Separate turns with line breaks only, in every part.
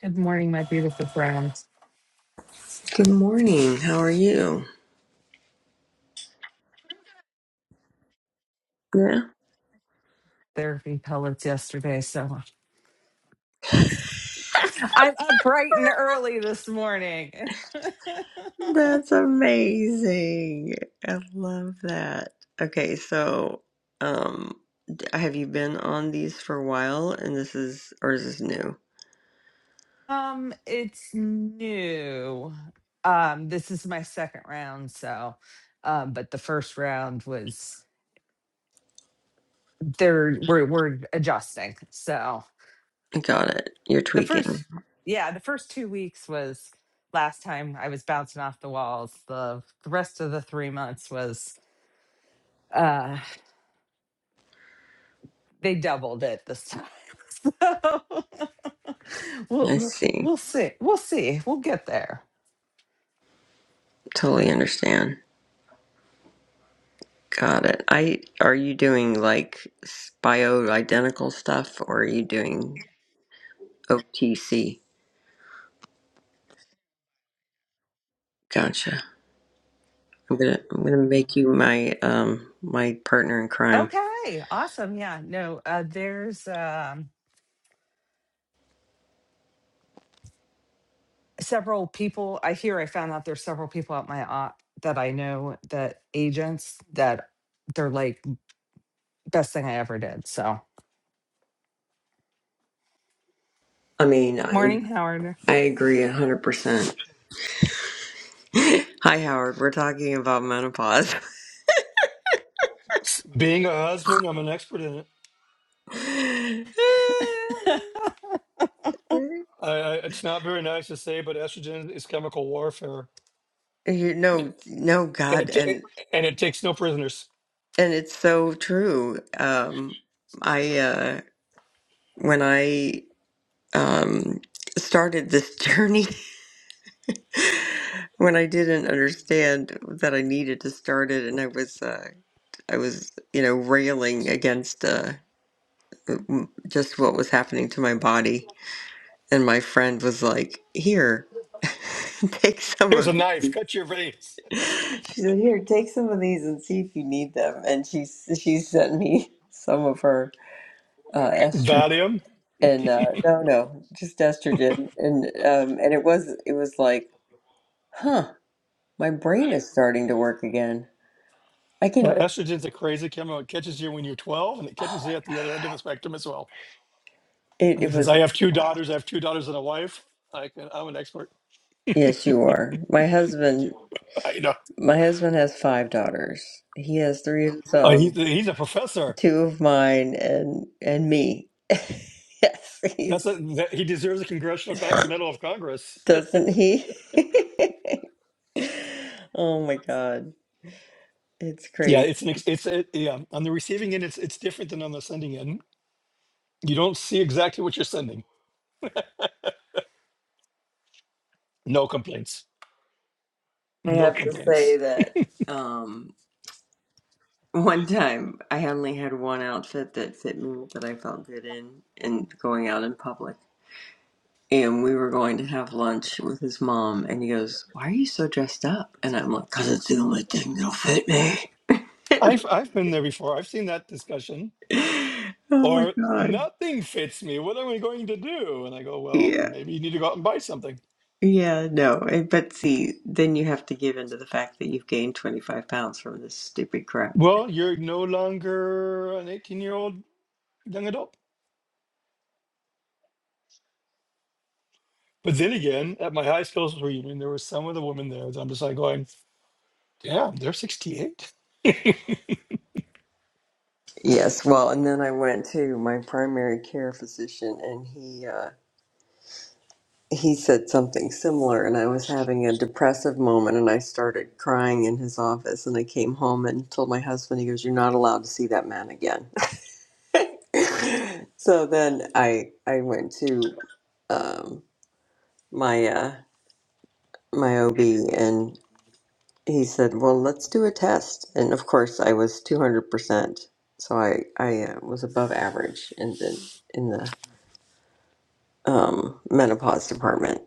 Good morning, my beautiful friends.
Good morning. How are you? Yeah.
Therapy pellets yesterday, so I'm up bright and early this morning.
That's amazing. I love that. Okay, so um d- have you been on these for a while and this is or is this new?
um, it's new. Um, this is my second round, so um, but the first round was there we're we're adjusting. So
Got it. You're
the
tweaking.
first yeah, the first two weeks was last time I was bouncing off the walls. The the rest of the three months was uh they doubled it this time. So we'll,
I
we'll
see.
we'll see. We'll see. We'll get there.
Totally understand. Got it. I are you doing like s- bio-identical stuff or are you doing OTC? Gotcha. I'm gonna I'm gonna make you my um my partner in crime.
Okay. Awesome. Yeah. No, uh, there's um, several people. I hear I found out there's several people at my op that I know that agents that they're like best thing I ever did. So
I mean, I
morning, Howard.
I agree 100%. Hi, Howard. We're talking about menopause.
Being a husband, I'm an expert in it.
you
I, I, it's not very nice to say, but estrogen is chemical warfare, it,
know, no,
and
God.
it, it
And,
and it takes no prisoners.
and it's so true. Um, I, uh, when I, um, started this journey, when I didn't understand that I needed to start it and I was, uh, I was, you know, railing against, uh, m- just what was happening to my body And my friend was like, Here, take some
Here's a
of
knife,
these.
cut your veins.
She said, Here, take some of these and see if you need them. And she s- she sent me some of her uh, estrogen
Valium.
and uh, no, no, just estrogen. And um, and it was it was like, huh, my brain is starting to work again. I
Yeah,
can.
estrogen's a crazy chemical. It catches you when you're 12, and it
Oh
catches
my
you
God.
at the other end of the spectrum as well.
It
And
it
since
was.
I have two daughters, I have two daughters and a wife. I can, I'm an expert.
Yes, you are. My husband.
you know,
My husband has five daughters. He has three of his
uh,
own.
he's he's a professor.
two of mine and and me. yes,
That's a,
he's
that, he deserves a congressional con- medal of Congress.
doesn't he? oh my God, it's
yeah,
crazy.
it's an ex- it's a, yeah on the receiving end, it's it's different than on the sending end You don't see exactly what you're sending. No complaints.
I
No
have to say
complaints.
that um, one time I only had one outfit that fit me that I felt good in, and going out in public. And we were going to have lunch with his mom, and he goes, "Why are you so dressed up?" And I'm like, "Cause it's the only thing that'll fit me."
I've I've been there before. I've seen that discussion.
oh my
Or
God.
nothing fits me. What am I going to do? And I go, well,
Yeah.
maybe you need to go out and buy something.
Yeah, no, eh, but see, then you have to give in to the fact that you've gained 25 pounds from this stupid crap.
Well, you're no longer an 18 year old young adult. But then again, at my high school's reunion, there were some of the women there. that I'm just like going, damn, they're 68.
Yes, well, and then I went to my primary care physician, and he uh, he said something similar, and I was having a depressive moment, and I started crying in his office, and I came home and told my husband, he goes, "You're not allowed to see that man again." so then I I went to um, my uh, my OB, and. he said, "Well, let's do a test." And of course, I was two hundred percent, so I I uh, was above average in the in the um, menopause department.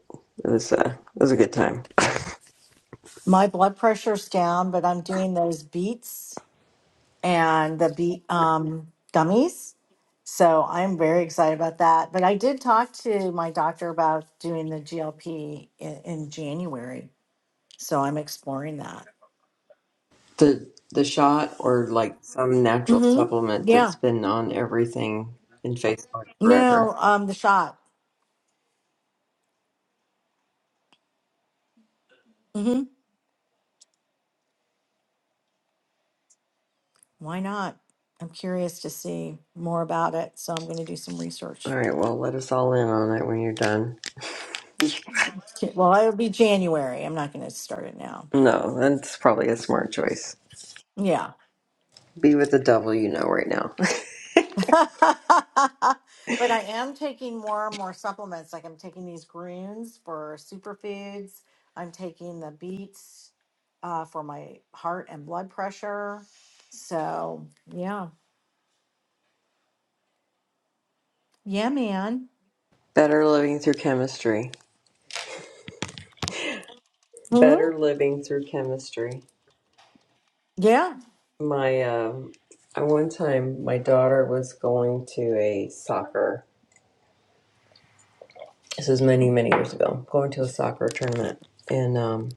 It was a it was a good time.
My blood pressure's down, but I'm doing those beets and the beet um, gummies. So I'm very excited about that. But I did talk to my doctor about doing the GLP in, in January. So I'm exploring that.
The the shot or like some natural
Mm-hmm.
supplement
Yeah.
that's been on everything in Facebook forever.
No, um, the shot. Mm-hmm. Why not? I'm curious to see more about it. So I'm going to do some
All
research.
right, well, let us all in on it when you're done.
Well, it'll be January. I'm not going to start it now.
No, that's probably a smart choice.
Yeah.
Be with the devil you know right now.
but I am taking more and more supplements. Like I'm taking these greens for superfoods. I'm taking the beets uh, for my heart and blood pressure. So yeah, yeah, man.
Better living through chemistry.
Hmm?
Better living through chemistry.
Yeah.
My um, I one time my daughter was going to a soccer. This was many many years ago. Going to a soccer tournament, and um,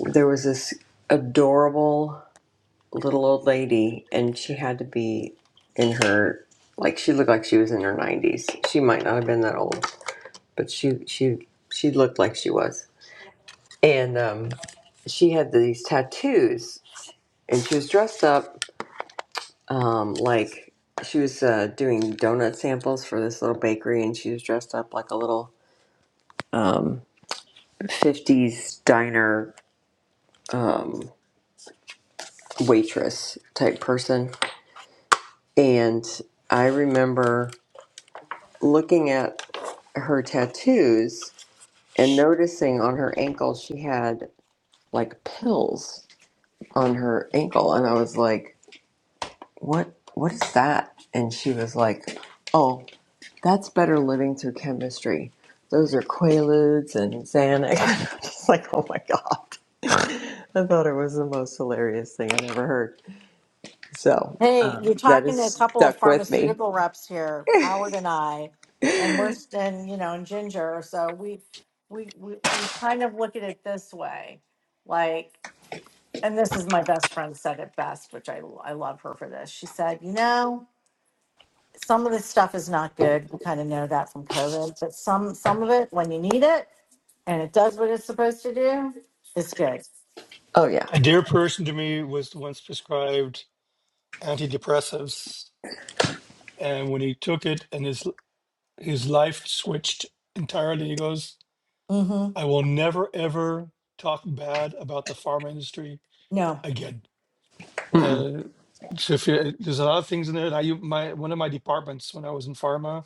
there was this adorable little old lady, and she had to be in her like she looked like she was in her nineties. She might not have been that old, but she she she looked like she was, and um, she had these tattoos, and she was dressed up um, like she was uh, doing donut samples for this little bakery, and she was dressed up like a little um, '50s diner um, waitress type person. And I remember looking at her tattoos and noticing on her ankle she had like pills on her ankle, and I was like, "What? What is that?" And she was like, "Oh." That's better living through chemistry. Those are Quaaludes and Xanax. I'm just like, oh my God. I thought it was the most hilarious thing I'd ever heard. So
Hey, you're
um, that
talking to a
has
couple of
stuck with me.
pharmaceutical reps here, Howard and I, and we're st- and you know, and Ginger. So we we we, we kind of look at it this way, like. and this is my best friend said it best, which I I love her for this. She said, you know, some of this stuff is not good. We kind of know that from COVID, but some some of it, when you need it and it does what it's supposed to do, it's good.
Oh, yeah.
A dear person to me was once prescribed antidepressants. And when he took it and his his life switched entirely. He goes,
Mm-hmm.
I will never ever talk bad about the pharma industry
No.
again.
Mm-mm.
Uh, so if you, there's a lot of things in there. And I, u- my one of my departments when I was in pharma,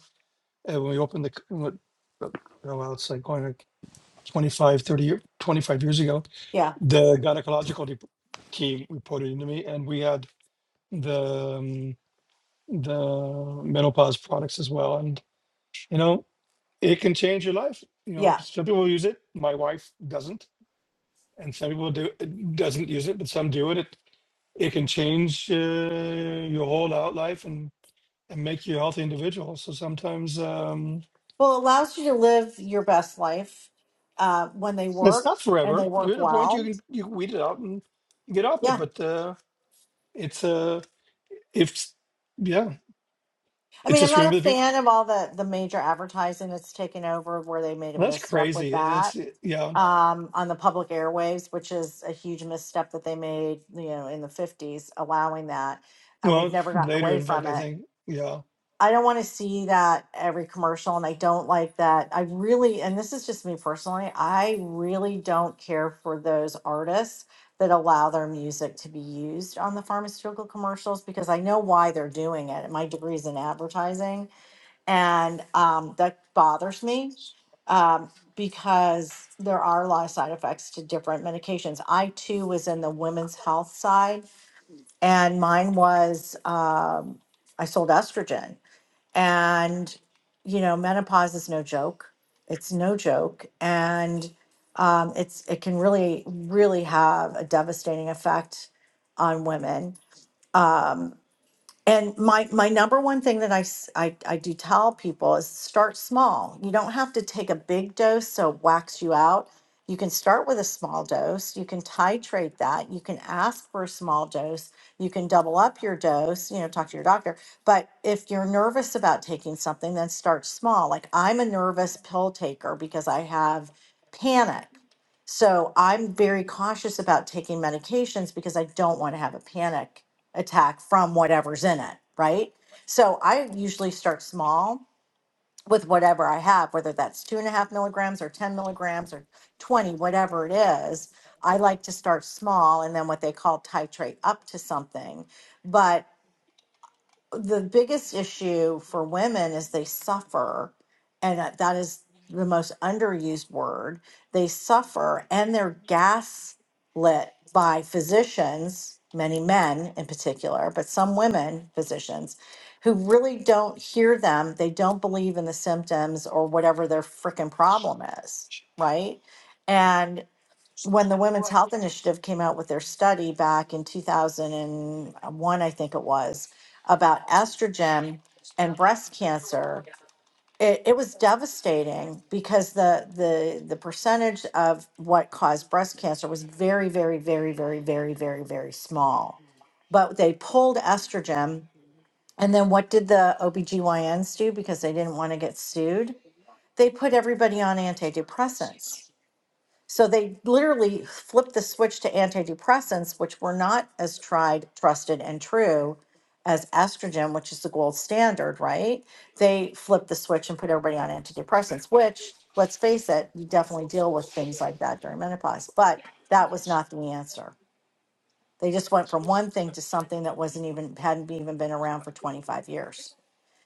uh, when we opened the, c- what, uh, oh, well, it's like going like 25, 30, year- 25 years ago,
Yeah.
the gynecological dep team reported into me, and we had the um, the menopause products as well. And you know. it can change your life. You know,
Yeah.
some people use it. My wife doesn't, and some people do doesn't use it, but some do it. It it can change uh, your whole out life and and make you a healthy individual. So sometimes um,
Well, it allows you to live your best life uh, when they
it's
work
not
and they
forever. You're
work
at a point you
well.
can you can weed it out and get off it.
Yeah.
But uh, it's uh if yeah,
I
it's
mean, I'm
just
not a
remember the people.
fan of all the the major advertising that's taken over where they made a
Well, that's
misstep with
crazy.
that
It's yeah.
um, on the public airwaves, which is a huge misstep that they made, you know, in the 50s, allowing that. And we've
Well,
never gotten
later
away
in fact,
from
I
it.
think yeah,
I don't want to see that every commercial. And I don't like that. I really, and this is just me personally, I really don't care for those artists that allow their music to be used on the pharmaceutical commercials because I know why they're doing it. And My degree is in advertising and um, that bothers me um, because there are a lot of side effects to different medications. I too was in the women's health side, and mine was um, I sold estrogen, and you know menopause is no joke. It's no joke, and um, it's it can really really have a devastating effect on women. Um, and my my number one thing that I, s- I I do tell people is start small. You don't have to take a big dose so it whacks you out. You can start with a small dose. You can titrate that. You can ask for a small dose. You can double up your dose, you know, talk to your doctor. But if you're nervous about taking something, then start small. Like I'm a nervous pill taker because I have panic. So I'm very cautious about taking medications because I don't want to have a panic attack from whatever's in it, right? So I usually start small with whatever I have, whether that's two and a half milligrams or 10 milligrams or 20, whatever it is. I like to start small and then what they call titrate up to something. But the biggest issue for women is they suffer, and that that is the most underused word. They suffer and they're gaslit by physicians, many men in particular, but some women physicians who really don't hear them. They don't believe in the symptoms or whatever their freaking problem is, right? when the Women's Health Initiative came out with their study back in 2001, I think it was, about estrogen and breast cancer, it, it was devastating because the, the the percentage of what caused breast cancer was very, very, very, very, very, very, very small. But they pulled estrogen. And then what did the OBGYNs do because they didn't want to get sued? They put everybody on antidepressants so they literally flipped the switch to antidepressants, which were not as tried, trusted, and true as estrogen, which is the gold standard, right? They flipped the switch and put everybody on antidepressants, which, let's face it, you definitely deal with things like that during menopause. But that was not the answer. They just went from one thing to something that wasn't even hadn't even been around for 25 years.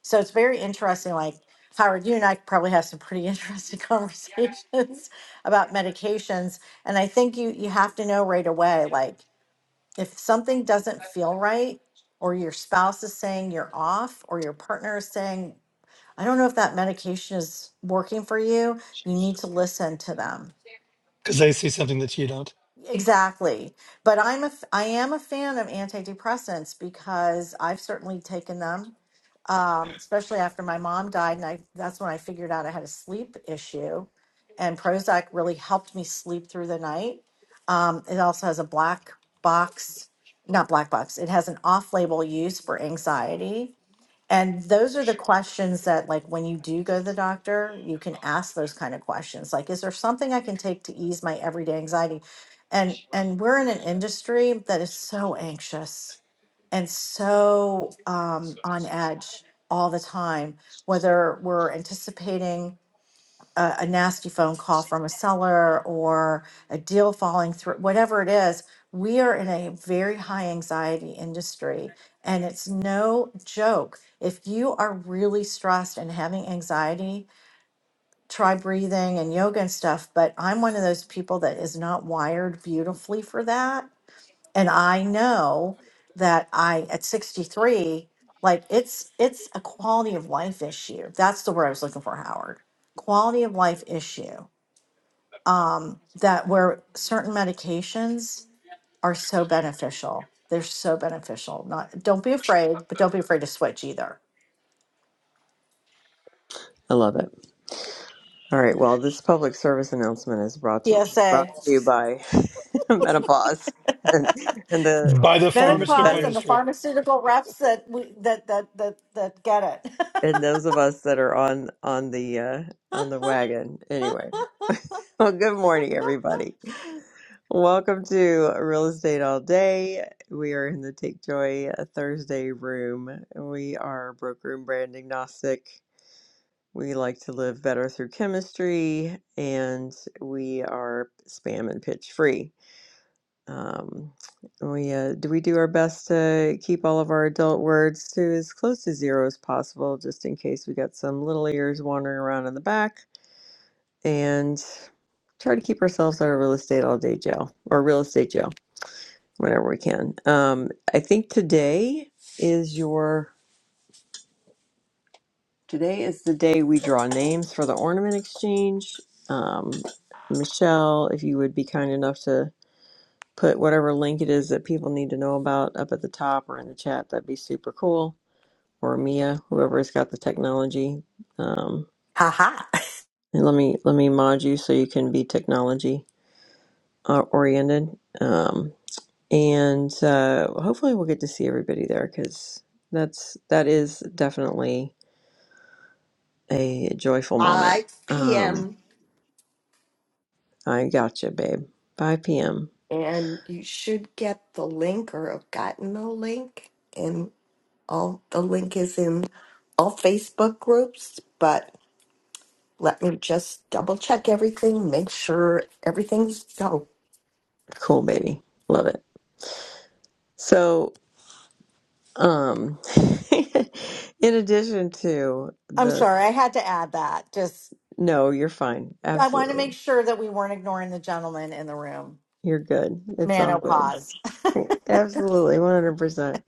So it's very interesting. Like Howard, you and I probably have some pretty interesting conversations about medications. And I think you you have to know right away, like if something doesn't feel right, or your spouse is saying you're off, or your partner is saying, I don't know if that medication is working for you, you need to listen to them
because they see something that you don't
Exactly. But I'm a f- I am a fan of antidepressants because I've certainly taken them. Um, especially after my mom died and I that's when I figured out I had a sleep issue and Prozac really helped me sleep through the night. Um, it also has a black box, not black box. It has an off-label use for anxiety. And those are the questions that, like, when you do go to the doctor, you can ask those kind of questions. Like, is there something I can take to ease my everyday anxiety? And and we're in an industry that is so anxious and so um, on edge all the time, whether we're anticipating a, a nasty phone call from a seller or a deal falling through, whatever it is, we are in a very high anxiety industry. And it's no joke. If you are really stressed and having anxiety, try breathing and yoga and stuff. But I'm one of those people that is not wired beautifully for that. And I know that I, at 63, like it's it's a quality of life issue. That's the word I was looking for, Howard. Quality of life issue um, that where certain medications are so beneficial. They're so beneficial. Not don't be afraid, but don't be afraid to switch either.
I love it. All right. Well, this public service announcement is brought to you, brought
PSA,
to you by Menopause and, and
Yeah.
the
by the
and the
pharmaceutical
menopause,
better
and the
industry.
pharmaceutical reps that we, that that that that get it.
and those of us that are on on the uh, on the wagon. Anyway, well, good morning, everybody. Welcome to Real Estate All Day. We are in the Take Joy uh, Thursday room. We are broker and brand agnostic. We like to live better through chemistry, and we are spam and pitch free. Um, we uh, do we do our best to keep all of our adult words to as close to zero as possible, just in case we got some little ears wandering around in the back, and try to keep ourselves out of real estate all day jail or real estate jail whenever we can. Um, I think today is your today is the day we draw names for the ornament exchange. Um, Michelle, if you would be kind enough to put whatever link it is that people need to know about up at the top or in the chat. That'd be super cool. Or Mia, whoever's got the technology. Um,
haha,
and let me let me mod you so you can be technology uh, oriented. Um, and uh, hopefully we'll get to see everybody there because that's that is definitely a joyful moment.
5
Um,
p.m.
I gotcha, babe. 5 p.m.
And you should get the link or have gotten the link. And all the link is in all Facebook groups. But let me just double check everything, make sure everything's go.
Cool, baby. Love it. So Um, in addition to
I'm
the,
sorry, I had to add that. Just
no, you're fine.
I want to make
Absolutely.
sure that we weren't ignoring the gentleman in the room.
You're good. It's all good.
Menopause.
Absolutely. 100%.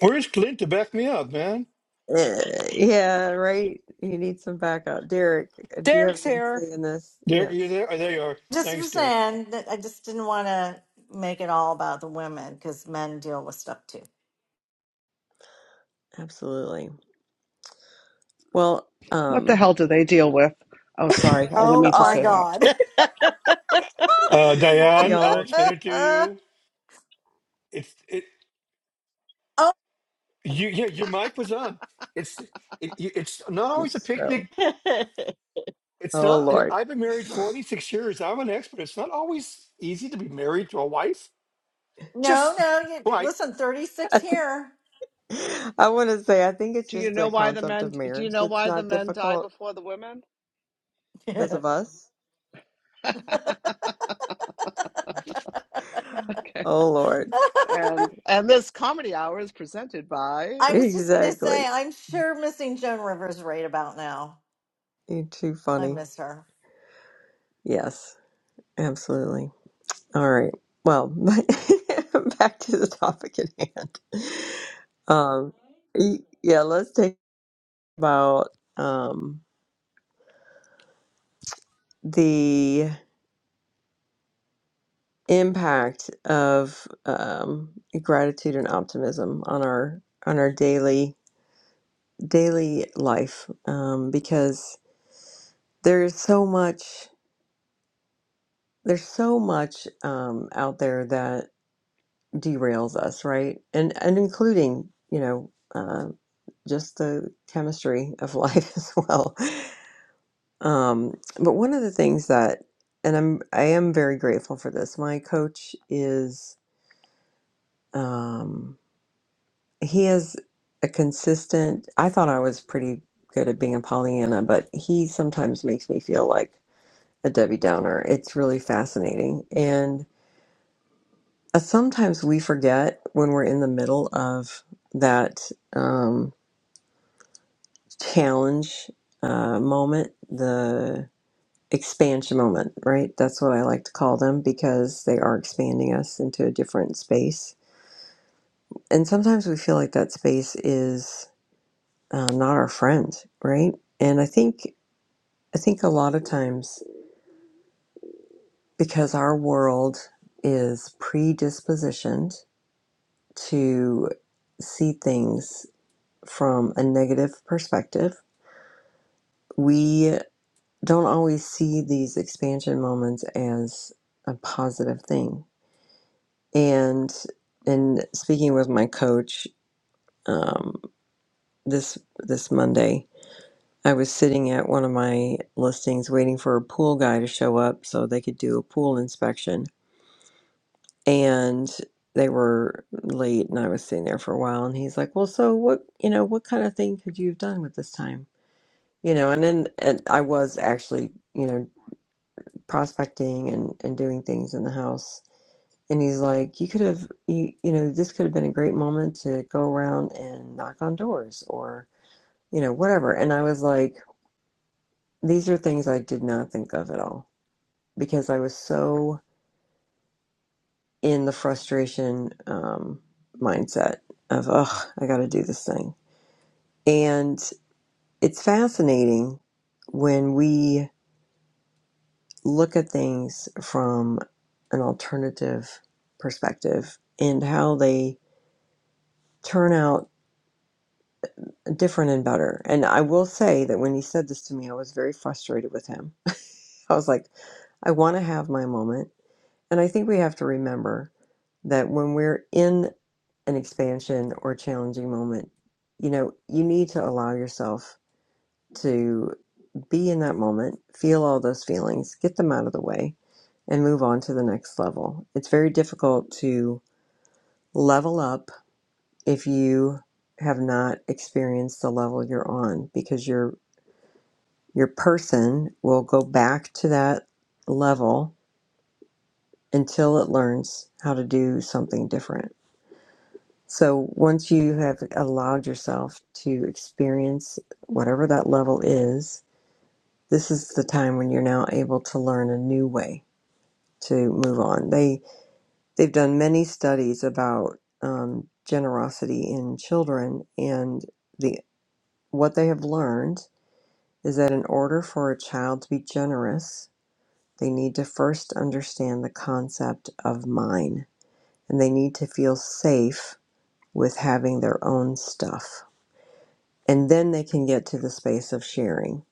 Where's Clint to back me up, man?
Uh, yeah, right. You need some backup. Derek, do you have
Derek's
anything to
here.
say in this?
Derek, are you
Yes,
there? Oh, there you are.
Just
Thanks,
was
Derek.
saying that I just didn't want to make it all about the women because men deal with stuff too.
absolutely. Well,
What the
um,
hell do they deal with? Oh, sorry, I didn't
to
Oh
mean to
my
us,
say that.
God.
Uh, Diane,
y'all
I'll
are,
explain it to
oh,
you. It's it.
no,
You yeah, your mic was on. It's it, you- it's not
you
always a picnic.
so,
It's
oh
not.
Lord.
I've been married forty six years. I'm an expert. It's not always easy to be married to a wife. Just
no. You,
why?
listen, 36 here.
I want to say, I think it's
Do you
just
know
the
why the
concept
men?
of
Do you
marriage
know
that's
why the
not
men die
difficult
before the women?
because of us. Oh Lord.
And and this comedy hour is presented by
I was just going to say,
Exactly.
I'm sure missing Joan Rivers right about now.
You're too
I
funny.
miss her.
Yes, absolutely. All right. Well, back to the topic at hand. Um, y- yeah, let's talk about um, the impact of um, gratitude and optimism on our on our daily daily life um, because there's so much there's so much um, out there that. derails us, right? And and including, you know, uh, just the chemistry of life as well. Um, but one of the things that, and I'm I am very grateful for this. My coach is um, he has a consistent. I thought I was pretty good at being a Pollyanna, but he sometimes makes me feel like a Debbie Downer. It's really fascinating, and uh, sometimes we forget when we're in the middle of that. Um, challenge uh, moment, the expansion moment, right? That's what I like to call them because they are expanding us into a different space. And sometimes we feel like that space is uh, not our friend, right? And I think I think a lot of times because our world is predispositioned to see things from a negative perspective, we. don't always see these expansion moments as a positive thing. And in speaking with my coach um, this this Monday, I was sitting at one of my listings waiting for a pool guy to show up so they could do a pool inspection. And they were late and I was sitting there for a while and he's like, Well so what you know, what kind of thing could you have done with this time? You know, and then and I was actually, you know, prospecting and, and doing things in the house And he's like, you could have, you, you know, this could have been a great moment to go around and knock on doors or, you know, whatever. And I was like, these are things I did not think of at all because I was so in the frustration um, mindset of, oh, I got to do this thing. And it's fascinating when we look at things from an alternative perspective and how they turn out different and better. And I will say that when he said this to me, I was very frustrated with him. I was like, I want to have my moment. And I think we have to remember that when we're in an expansion or challenging moment, you know, you need to allow yourself to be in that moment, feel all those feelings, get them out of the way, and move on to the next level. It's very difficult to level up if you have not experienced the level you're on because you're Your person will go back to that level until it learns how to do something different. So once you have allowed yourself to experience whatever that level is, this is the time when you're now able to learn a new way to move on. They they've done many studies about um, generosity in children, and the what they have learned is that in order for a child to be generous, They need to first understand the concept of mine and they need to feel safe with having their own stuff. And then they can get to the space of sharing.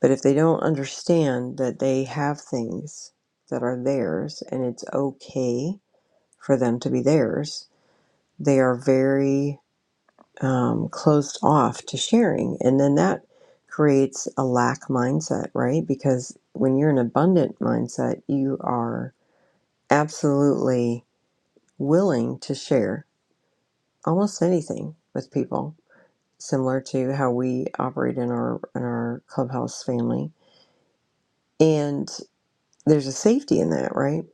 But if they don't understand that they have things that are theirs and it's okay for them to be theirs, they are very um, closed off to sharing. And then that creates a lack mindset, right? Because when you're in an abundant mindset, you are absolutely willing to share almost anything with people, similar to how we operate in our in our clubhouse family. And there's a safety in that, right?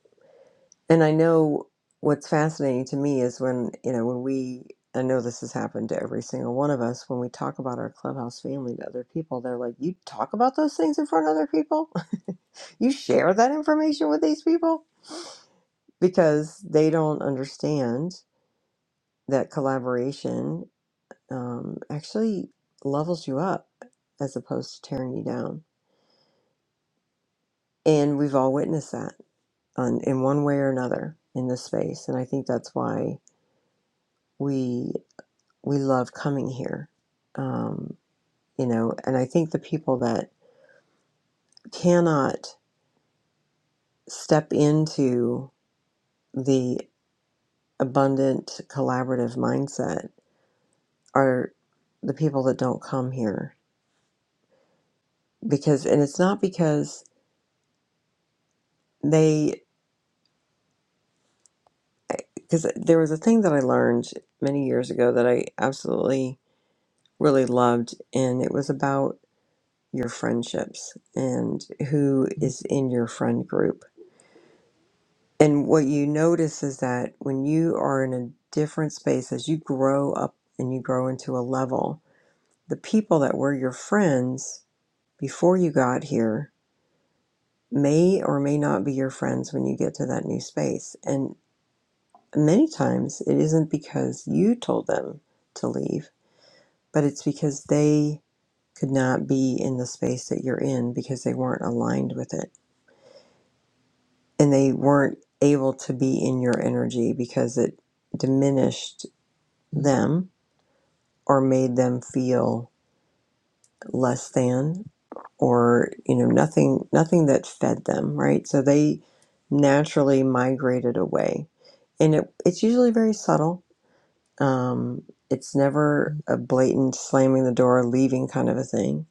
And I know what's fascinating to me is when you know when we I know this has happened to every single one of us when we talk about our clubhouse family to other people, they're like, "You talk about those things in front of other people? You share that information with these people?" Because they don't understand that collaboration um, actually levels you up as opposed to tearing you down. And we've all witnessed that on, in one way or another in this space. And I think that's why we we love coming here, um, you know. And I think the people that cannot step into the abundant collaborative mindset are the people that don't come here because, and it's not because. they. because there was a thing that I learned many years ago that I absolutely really loved, and it was about your friendships and who is in your friend group. And what you notice is that when you are in a different space, as you grow up and you grow into a level, the people that were your friends before you got here may or may not be your friends when you get to that new space. And many times it isn't because you told them to leave but it's because they could not be in the space that you're in because they weren't aligned with it and they weren't able to be in your energy because it diminished them or made them feel less than or you know nothing nothing that fed them right so they naturally migrated away and it, it's usually very subtle um, it's never a blatant slamming the door leaving kind of a thing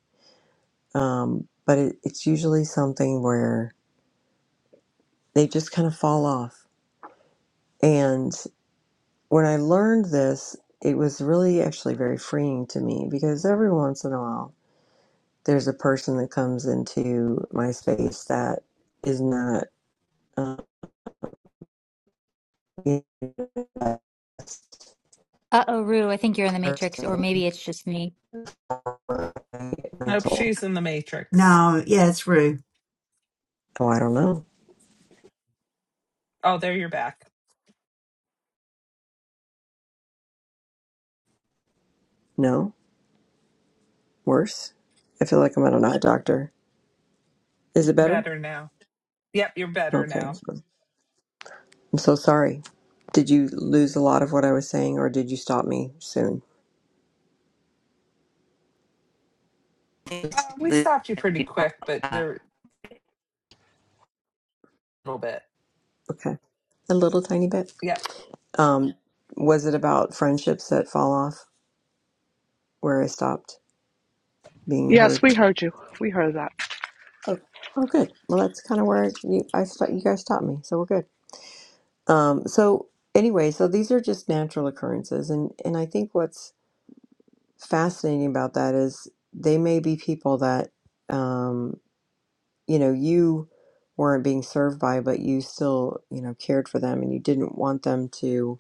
um, but it, it's usually something where they just kind of fall off. And when I learned this, it was really actually very freeing to me because every once in a while there's a person that comes into my space that is not um, the best
Uh-oh, Rue, I think you're in the matrix, or
person,
maybe it's just me.
for my
Nope,
mental.
she's in the Matrix.
no, yeah, it's Rue.
Oh, I don't know.
Oh, there you're back.
No, worse. I feel like I'm at an eye doctor. Is it better?
Better now. Yep, you're better now.
Okay. I'm so sorry. Did you lose a lot of what I was saying, or did you stop me soon?
Uh, we stopped you pretty quick, but
uh,
there a little bit.
Okay, a little tiny bit.
Yep.
Um, was it about friendships that fall off where I stopped being
Yes,
heard?
we heard you. We heard that.
Oh, oh, good. Well, that's kind of where you I st- you guys stopped me, so we're good. Um, so anyway, so these are just natural occurrences, and and I think what's fascinating about that is they may be people that. Um, you know you weren't being served by but you still you know cared for them and you didn't want them to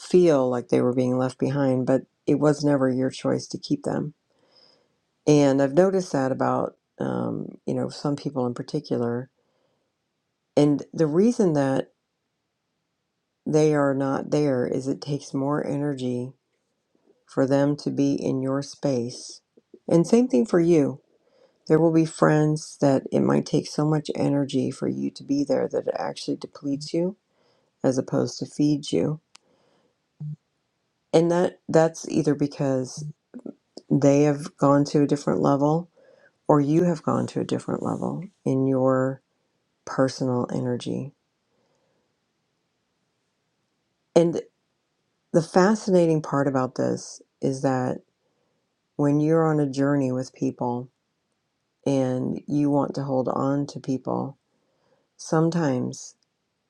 feel like they were being left behind but it was never your choice to keep them and i've noticed that about um, you know some people in particular and the reason that they are not there is it takes more energy for them to be in your space and same thing for you there will be friends that it might take so much energy for you to be there that it actually depletes you as opposed to feed you. And that that's either because they have gone to a different level or you have gone to a different level in your personal energy. And the fascinating part about this is that when you're on a journey with people and you want to hold on to people, sometimes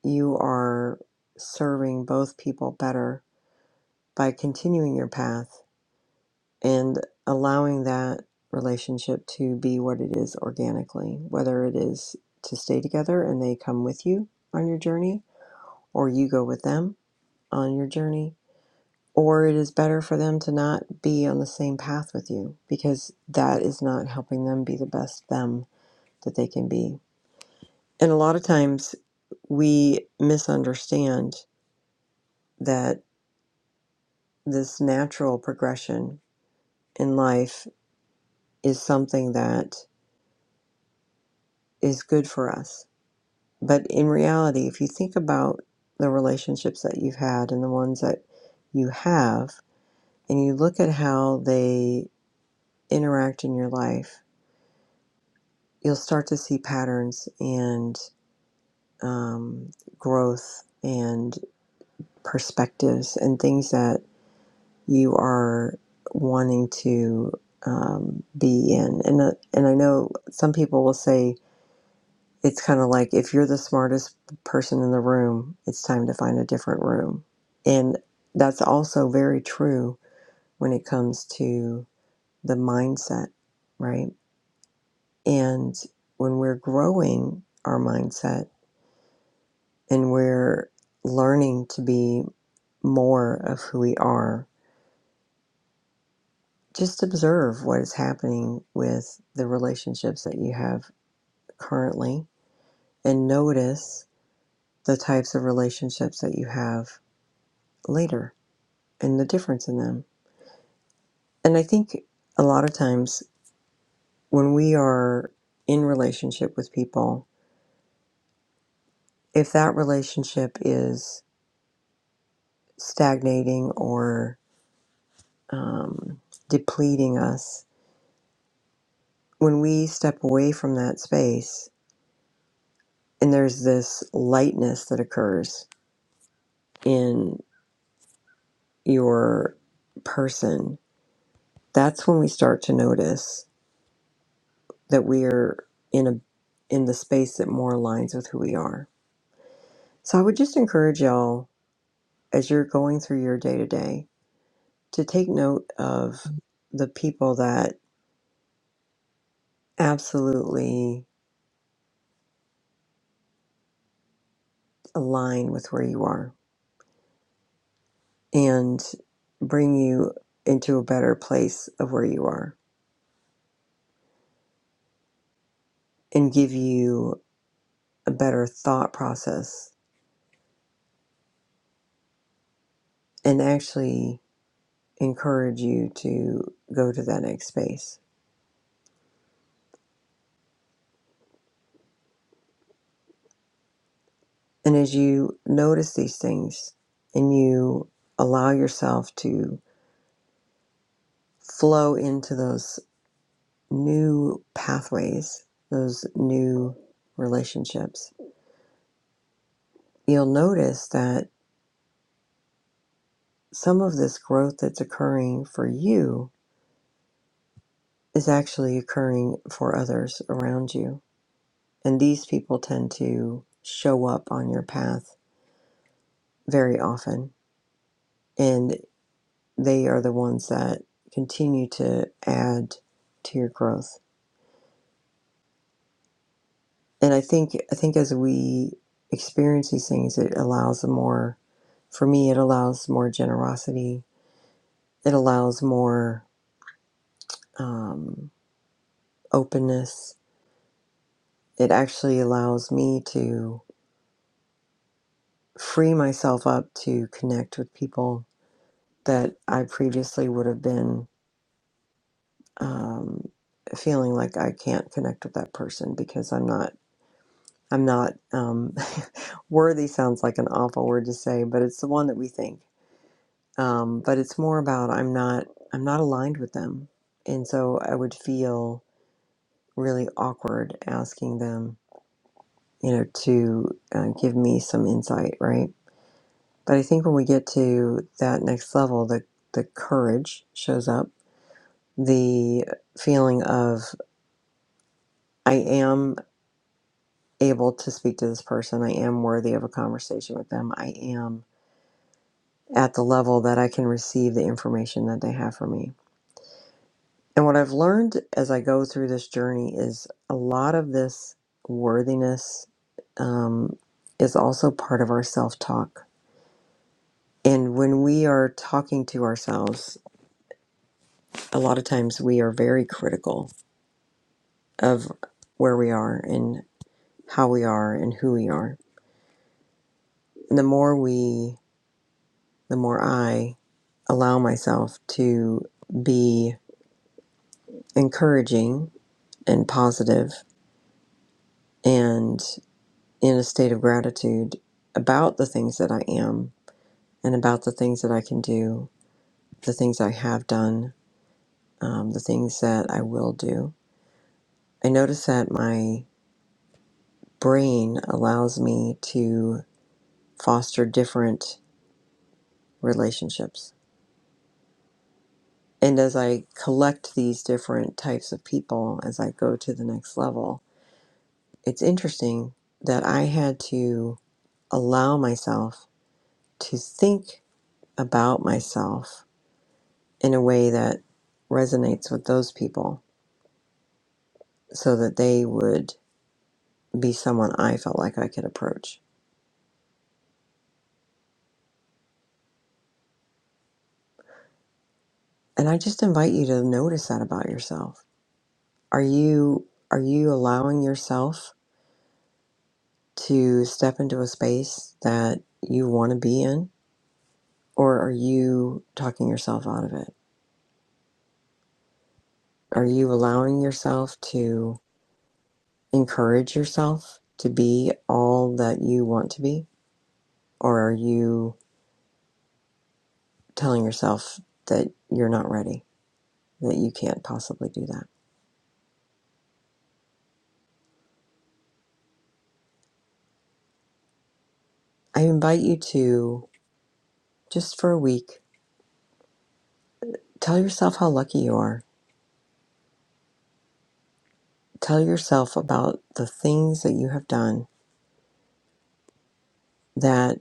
you are serving both people better by continuing your path and allowing that relationship to be what it is organically, whether it is to stay together and they come with you on your journey, or you go with them on your journey, or it is better for them to not be on the same path with you because that is not helping them be the best them that they can be. And a lot of times we misunderstand that this natural progression in life is something that is good for us But in reality, if you think about the relationships that you've had and the ones that you have, and you look at how they interact in your life, you'll start to see patterns and um, growth and perspectives and things that you are wanting to um, be in. And, uh, and I know some people will say, it's kind of like if you're the smartest person in the room, it's time to find a different room. And that's also very true when it comes to the mindset, right? And when we're growing our mindset and we're learning to be more of who we are, just observe what is happening with the relationships that you have currently and notice the types of relationships that you have later and the difference in them. And I think a lot of times when we are in relationship with people, if that relationship is stagnating or um, depleting us, when we step away from that space and there's this lightness that occurs in your person, that's when we start to notice that we are in a in the space that more aligns with who we are. So I would just encourage y'all as you're going through your day to day to take note of the people that absolutely align with where you are and bring you into a better place of where you are and give you a better thought process and actually encourage you to go to that next space. And as you notice these things and you allow yourself to flow into those new pathways, those new relationships, you'll notice that some of this growth that's occurring for you is actually occurring for others around you. And these people tend to show up on your path very often. And they are the ones that continue to add to your growth. And I think I think as we experience these things, it allows more for me it allows more generosity It allows more um, openness. It actually allows me to free myself up to connect with people that I previously would have been um, feeling like I can't connect with that person because I'm not. I'm not um, worthy. Sounds like an awful word to say, but it's the one that we think. Um, but it's more about I'm not. I'm not aligned with them, and so I would feel really awkward asking them you know, to uh, give me some insight, right? But I think when we get to that next level, the, the courage shows up, the feeling of I am able to speak to this person, I am worthy of a conversation with them, I am at the level that I can receive the information that they have for me. And what I've learned as I go through this journey is a lot of this worthiness um, is also part of our self talk And when we are talking to ourselves, a lot of times we are very critical of where we are and how we are and who we are. And the more we, the more I allow myself to be encouraging and positive and in a state of gratitude about the things that I am and about the things that I can do, the things I have done, um, the things that I will do. I notice that my brain allows me to foster different relationships. And as I collect these different types of people, as I go to the next level, it's interesting that I had to allow myself to think about myself in a way that resonates with those people so that they would be someone I felt like I could approach. And I just invite you to notice that about yourself. Are you are you allowing yourself to step into a space that you want to be in? Or are you talking yourself out of it? Are you allowing yourself to encourage yourself to be all that you want to be? Or are you telling yourself that you're not ready, that you can't possibly do that? I invite you to, just for a week, tell yourself how lucky you are. Tell yourself about the things that you have done that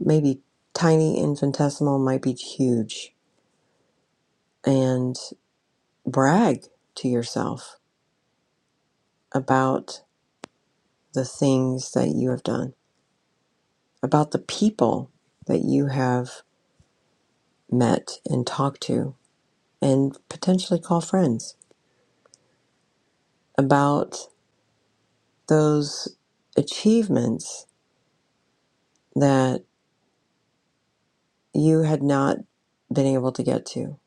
maybe tiny infinitesimal might be huge and brag to yourself about the things that you have done about the people that you have met and talked to and potentially call friends about those achievements that you had not been able to get to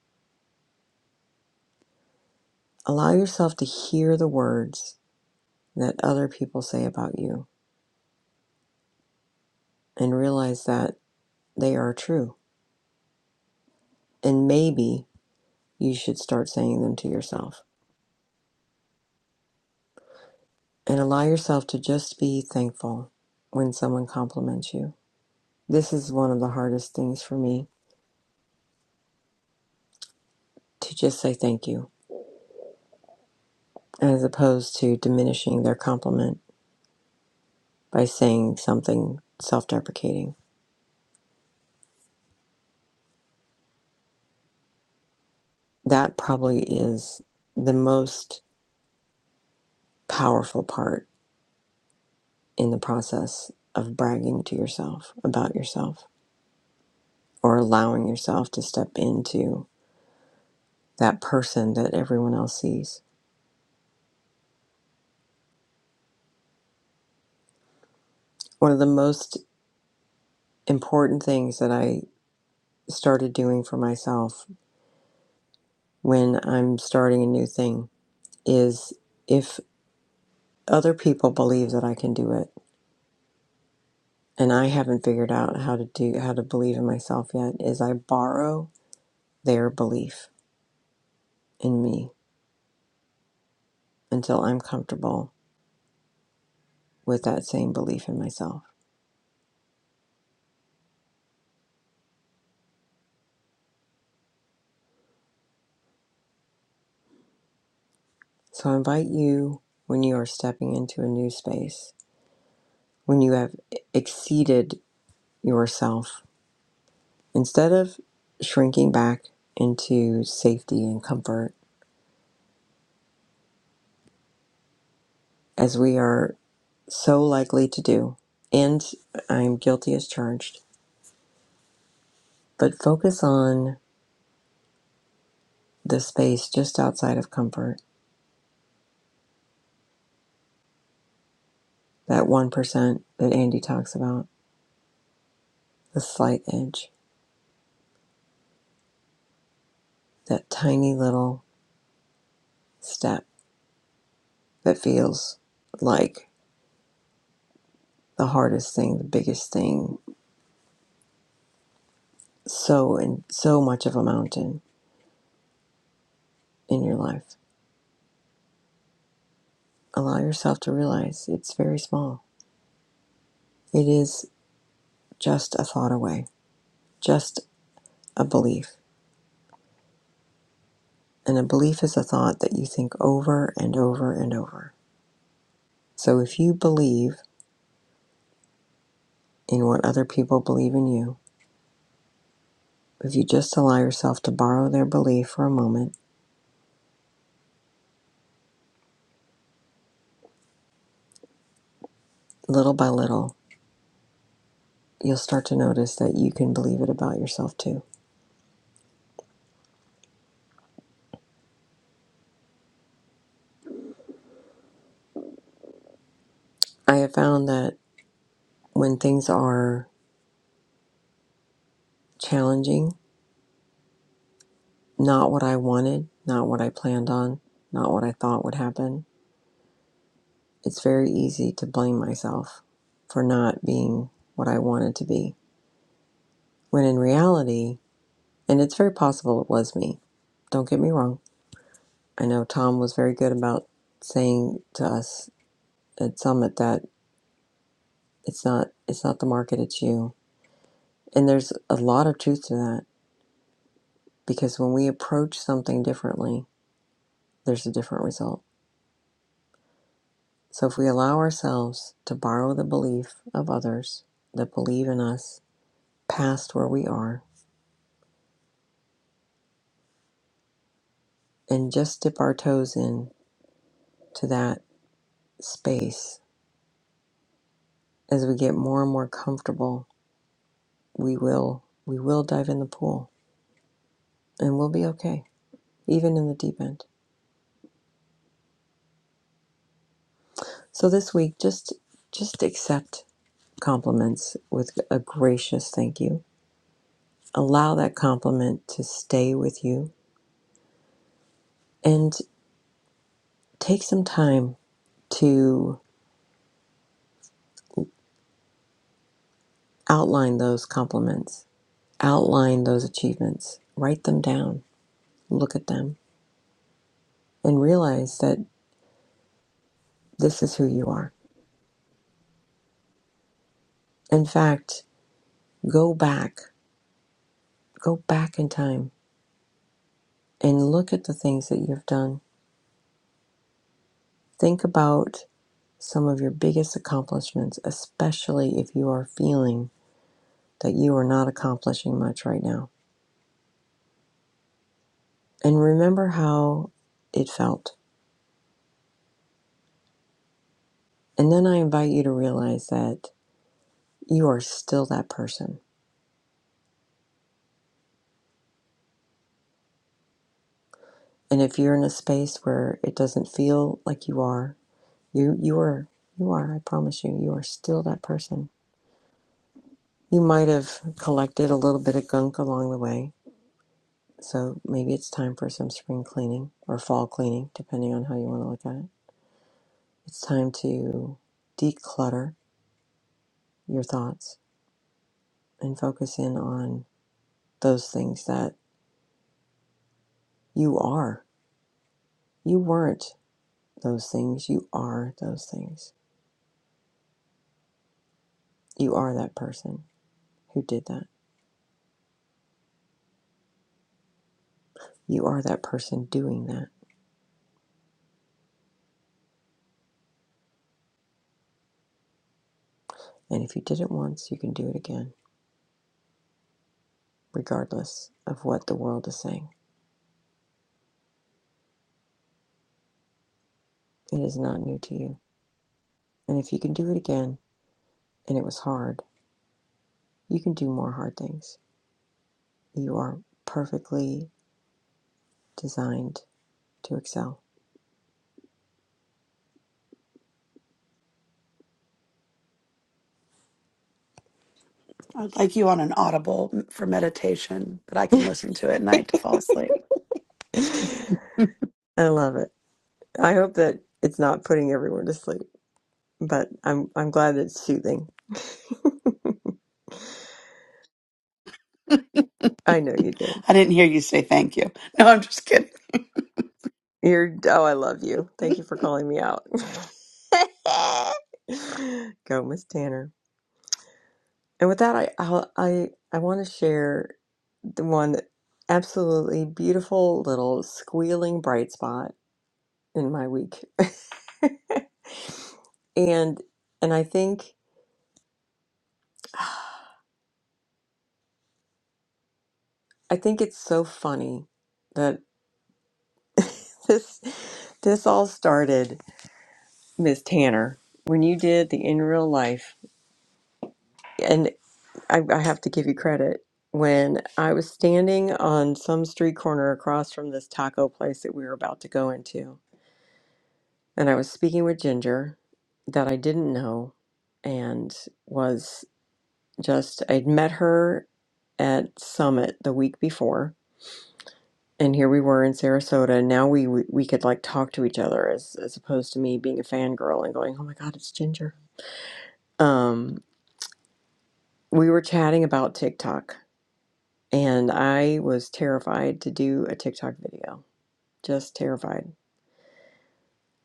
allow yourself to hear the words that other people say about you and realize that they are true And maybe you should start saying them to yourself. And allow yourself to just be thankful when someone compliments you. This is one of the hardest things for me to just say thank you, as opposed to diminishing their compliment by saying something self deprecating. That probably is the most powerful part in the process of bragging to yourself about yourself or allowing yourself to step into that person that everyone else sees one of the most important things that I started doing for myself when I'm starting a new thing is if other people believe that I can do it and I haven't figured out how to do how to believe in myself yet is I borrow their belief in me until I'm comfortable with that same belief in myself. So I invite you when you are stepping into a new space, when you have exceeded yourself Instead of shrinking back into safety and comfort, as we are so likely to do, and I'm guilty as charged, but focus on the space just outside of comfort, that 1% that Andy talks about, the slight edge, that tiny little step that feels like the hardest thing, the biggest thing, so and so much of a mountain in your life. Allow yourself to realize it's very small. It is just a thought away, just a belief. And a belief is a thought that you think over and over and over. So if you believe in what other people believe in you, if you just allow yourself to borrow their belief for a moment, little by little, you'll start to notice that you can believe it about yourself too. I have found that when things are challenging, not what I wanted, not what I planned on, not what I thought would happen, It's very easy to blame myself for not being what I wanted to be. When in reality, and it's very possible it was me, don't get me wrong. I know Tom was very good about saying to us at Summit that it's not it's not the market, it's you. And there's a lot of truth to that because when we approach something differently, there's a different result. So if we allow ourselves to borrow the belief of others that believe in us past where we are and just dip our toes in to that space as we get more and more comfortable we will we will dive in the pool and we'll be okay even in the deep end so this week just just accept compliments with a gracious thank you allow that compliment to stay with you and take some time to outline those compliments outline those achievements write them down look at them and realize that this is who you are in fact Go back, go back in time and look at the things that you've done. Think about some of your biggest accomplishments, especially if you are feeling that you are not accomplishing much right now. And remember how it felt. And then I invite you to realize that you are still that person. And if you're in a space where it doesn't feel like you are, you you are you are, I promise you, you are still that person. You might have collected a little bit of gunk along the way, So maybe it's time for some spring cleaning or fall cleaning, depending on how you want to look at it. It's time to declutter your thoughts and focus in on those things that you are. You weren't those things. You are those things. You are that person who did that. You are that person doing that. And if you did it once, you can do it again, regardless of what the world is saying. It is not new to you. And if you can do it again and it was hard, you can do more hard things You are perfectly designed to excel.
I'd like you on an audible m- for meditation that I can listen to at night to fall asleep.
I
I
love it. I hope that it's not putting everyone to sleep, but I'm I'm glad it's soothing. I know you do.
didn't hear you say thank you. No, I'm just kidding.
You're oh, I love you. Thank you for calling me out. Go, Miss Tanner. And with that, I I'll, I I want to share the one absolutely beautiful little squealing bright spot in my week, and and I think. I think it's so funny that this this all started, Miss Tanner, when you did the in real life, and I, I have to give you credit. When I was standing on some street corner across from this taco place that we were about to go into, and I was speaking with Ginger, that I didn't know, and was just I'd met her at Summit the week before, and here we were in Sarasota, and now we, we we could like talk to each other as as opposed to me being a fangirl and going, "Oh my God, it's Ginger." Um, we were chatting about TikTok, and I was terrified to do a TikTok video, just terrified.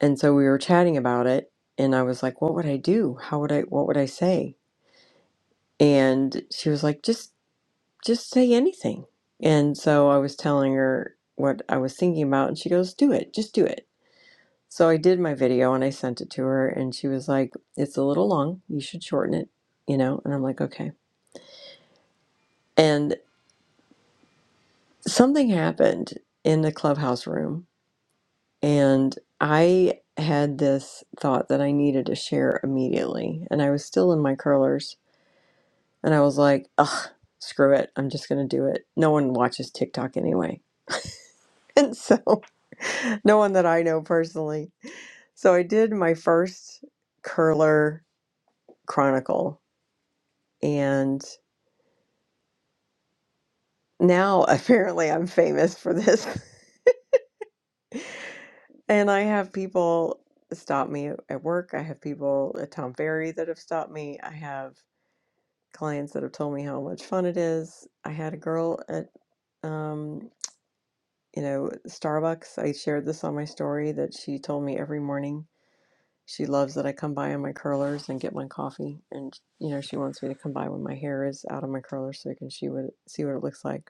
And so we were chatting about it, and I was like, "What would I do? How would I? What would I say?" And she was like, "Just just say anything." And so I was telling her what I was thinking about, and she goes, "Do it, just do it." So I did my video and I sent it to her, and she was like, It's a little long. You should shorten it, you know? And I'm like, Okay. And something happened in the clubhouse room, and I had this thought that I needed to share immediately. And I was still in my curlers, and I was like, Ugh, screw it. I'm just going to do it. No one watches TikTok anyway. And so, no one that I know personally. So I did my first curler chronicle, and now apparently I'm famous for this. And I have people stop me at work. I have people at Tom Ferry that have stopped me. I have clients that have told me how much fun it is. I had a girl at um, you know, Starbucks. I shared this on my story that she told me every morning she loves that I come by on my curlers and get my coffee and you know, she wants me to come by when my hair is out of my curlers so I can she would see what it looks like.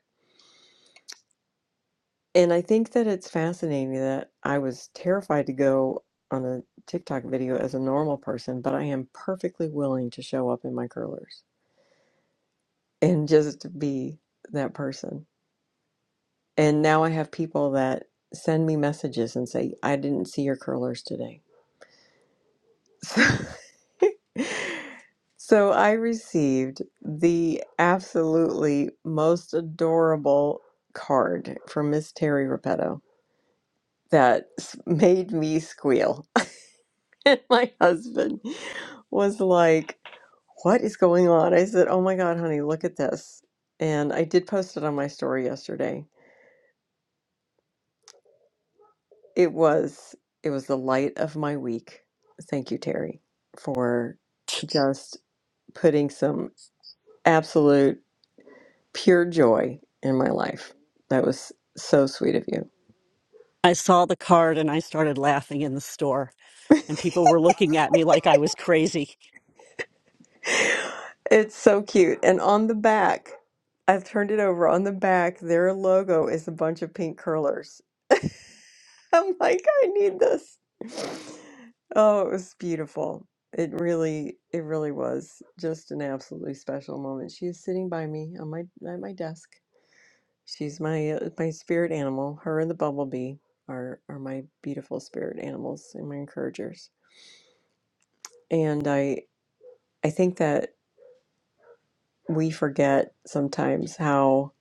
And I think that it's fascinating that I was terrified to go on a TikTok video as a normal person, but I am perfectly willing to show up in my curlers and just be that person. And now I have people that send me messages and say, I didn't see your curlers today. So, so I received the absolutely most adorable card from Miss Terry Repetto that s- made me squeal And my husband was like, What is going on? I said, Oh my God, honey, look at this. And I did post it on my story yesterday. It was it was the light of my week. Thank you, Terry, for just putting some absolute pure joy in my life. That was so sweet of you.
I saw the card and I started laughing in the store, and people were looking at me like I was crazy.
it's so cute. And on the back, I've turned it over. On the back, their logo is a bunch of pink curlers I'm like, I need this. Oh, it was beautiful. It really, it really was just an absolutely special moment. She is sitting by me on my at my desk. She's my uh, my spirit animal. Her and the bumblebee are are my beautiful spirit animals and my encouragers. And I I think that we forget sometimes how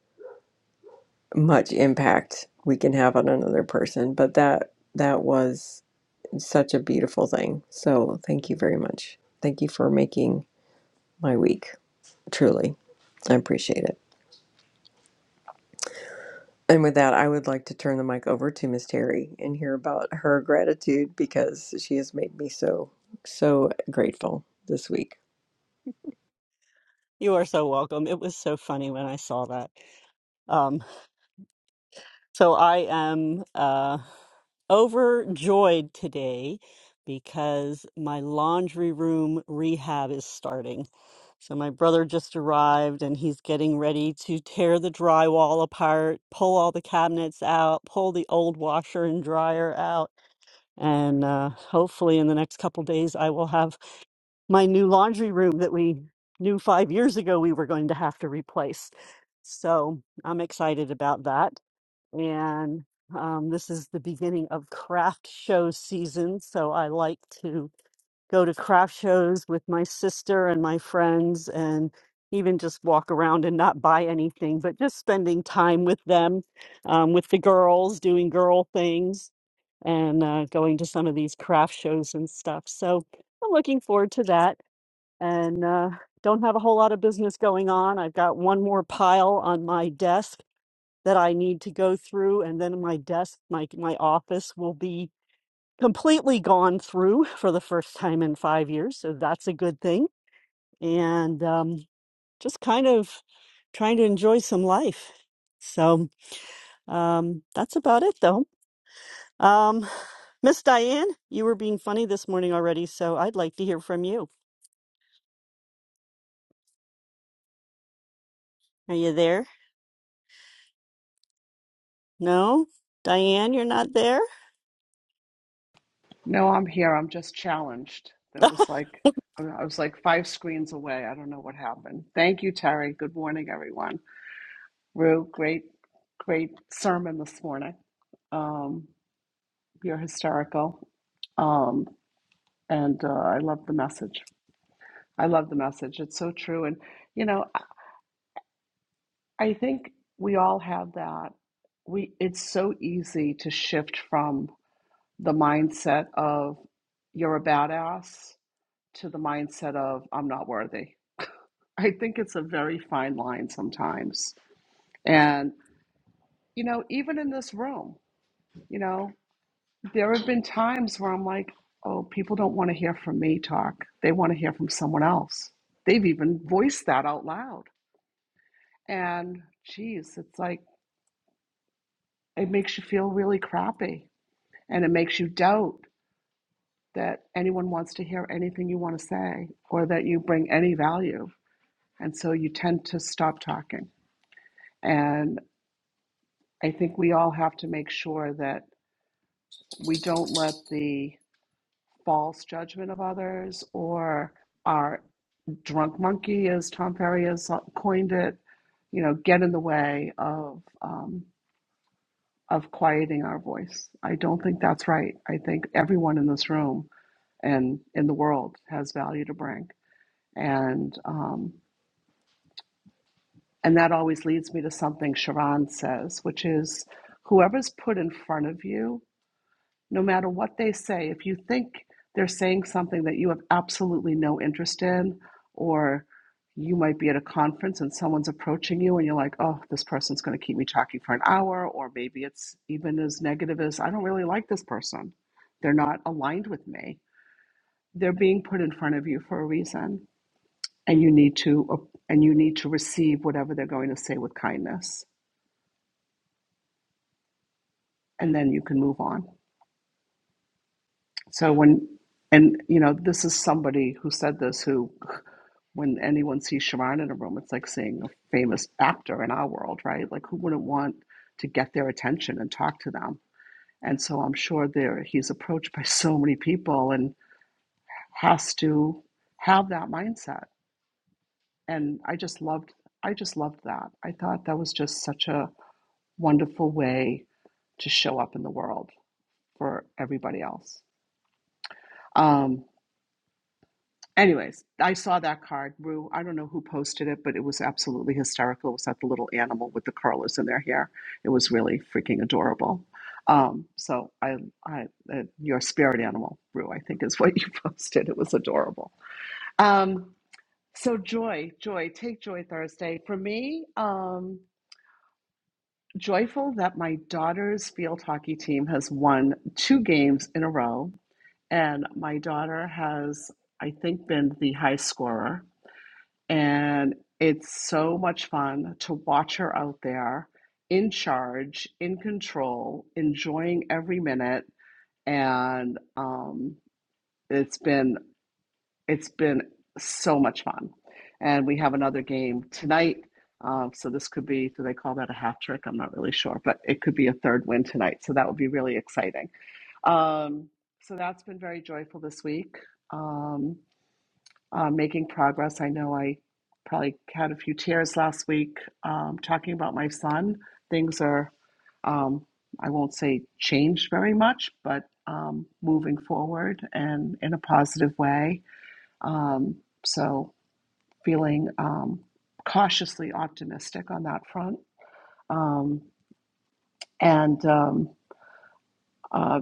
much impact we can have on another person. But that that was It's such a beautiful thing. So thank you very much. Thank you for making my week. Truly, I appreciate it. And with that, I would like to turn the mic over to Miss Terry and hear about her gratitude because she has made me so, so grateful this week.
You are so welcome. It was so funny when I saw that. Um, so I am uh, overjoyed today because my laundry room rehab is starting. So my brother just arrived and he's getting ready to tear the drywall apart, pull all the cabinets out, pull the old washer and dryer out And uh, hopefully, in the next couple days, I will have my new laundry room that we knew five years ago we were going to have to replace. So I'm excited about that. And um, this is the beginning of craft show season. So I like to go to craft shows with my sister and my friends and even just walk around and not buy anything, but just spending time with them, um, with the girls, doing girl things and uh, going to some of these craft shows and stuff. So I'm looking forward to that and uh, don't have a whole lot of business going on. I've got one more pile on my desk that I need to go through, and then my desk, my, my office will be completely gone through for the first time in five years. So that's a good thing. And um, just kind of trying to enjoy some life. So um, that's about it, though. Um, Miss Diane, you were being funny this morning already, so I'd like to hear from you. Are you there? No? Diane, you're not there?
No, I'm here. I'm just challenged. That was like, I I was like five screens away. I don't know what happened. Thank you, Terry. Good morning, everyone. Rue, great, great sermon this morning. Um, you're hysterical. Um, and uh, I love the message. I love the message. It's so true. And, you know, I I think we all have that. We, it's so easy to shift from the mindset of you're a badass to the mindset of I'm not worthy. I think it's a very fine line sometimes. And, you know, even in this room, you know, there have been times where I'm like, oh, people don't want to hear from me talk. They want to hear from someone else. They've even voiced that out loud. And, geez, it's like, it makes you feel really crappy and it makes you doubt that anyone wants to hear anything you want to say or that you bring any value. And so you tend to stop talking. And I think we all have to make sure that we don't let the false judgment of others or our drunk monkey, as Tom Ferry has coined it, you know, get in the way of um, of quieting our voice. I don't think that's right. I think everyone in this room and in the world has value to bring, and um, and that always leads me to something Sharon says, which is, whoever's put in front of you no matter what they say, if you think they're saying something that you have absolutely no interest in, or you might be at a conference and someone's approaching you and you're like, oh, this person's going to keep me talking for an hour, or maybe it's even as negative as, I don't really like this person. They're not aligned with me. They're being put in front of you for a reason, and you need to and you need to receive whatever they're going to say with kindness, and then you can move on. So when, and you know, this is somebody who said this who, when anyone sees Sharon in a room, it's like seeing a famous actor in our world, right? Like who wouldn't want to get their attention and talk to them? And so I'm sure there he's approached by so many people and has to have that mindset. And I just loved I just loved that. I thought that was just such a wonderful way to show up in the world for everybody else. Um, Anyways, I saw that card, Rue. I don't know who posted it, but it was absolutely hysterical. It was that the little animal with the curlers in their hair. It was really freaking adorable. Um, so I, I, uh, your spirit animal, Rue, I think is what you posted. It was adorable. Um, so joy, joy, take joy Thursday. For me, um, joyful that my daughter's field hockey team has won two games in a row, and my daughter has, I think, been the high scorer and it's so much fun to watch her out there in charge, in control, enjoying every minute. And um, it's been it's been so much fun. And we have another game tonight. Um, so this could be, do they call that a hat trick? I'm not really sure, but it could be a third win tonight. So that would be really exciting. Um, so that's been very joyful this week. Um, um, making progress. I know I probably had a few tears last week um, talking about my son. Things are, um, I won't say changed very much, but um, moving forward and in a positive way. Um, so feeling um, cautiously optimistic on that front. Um, and um, uh,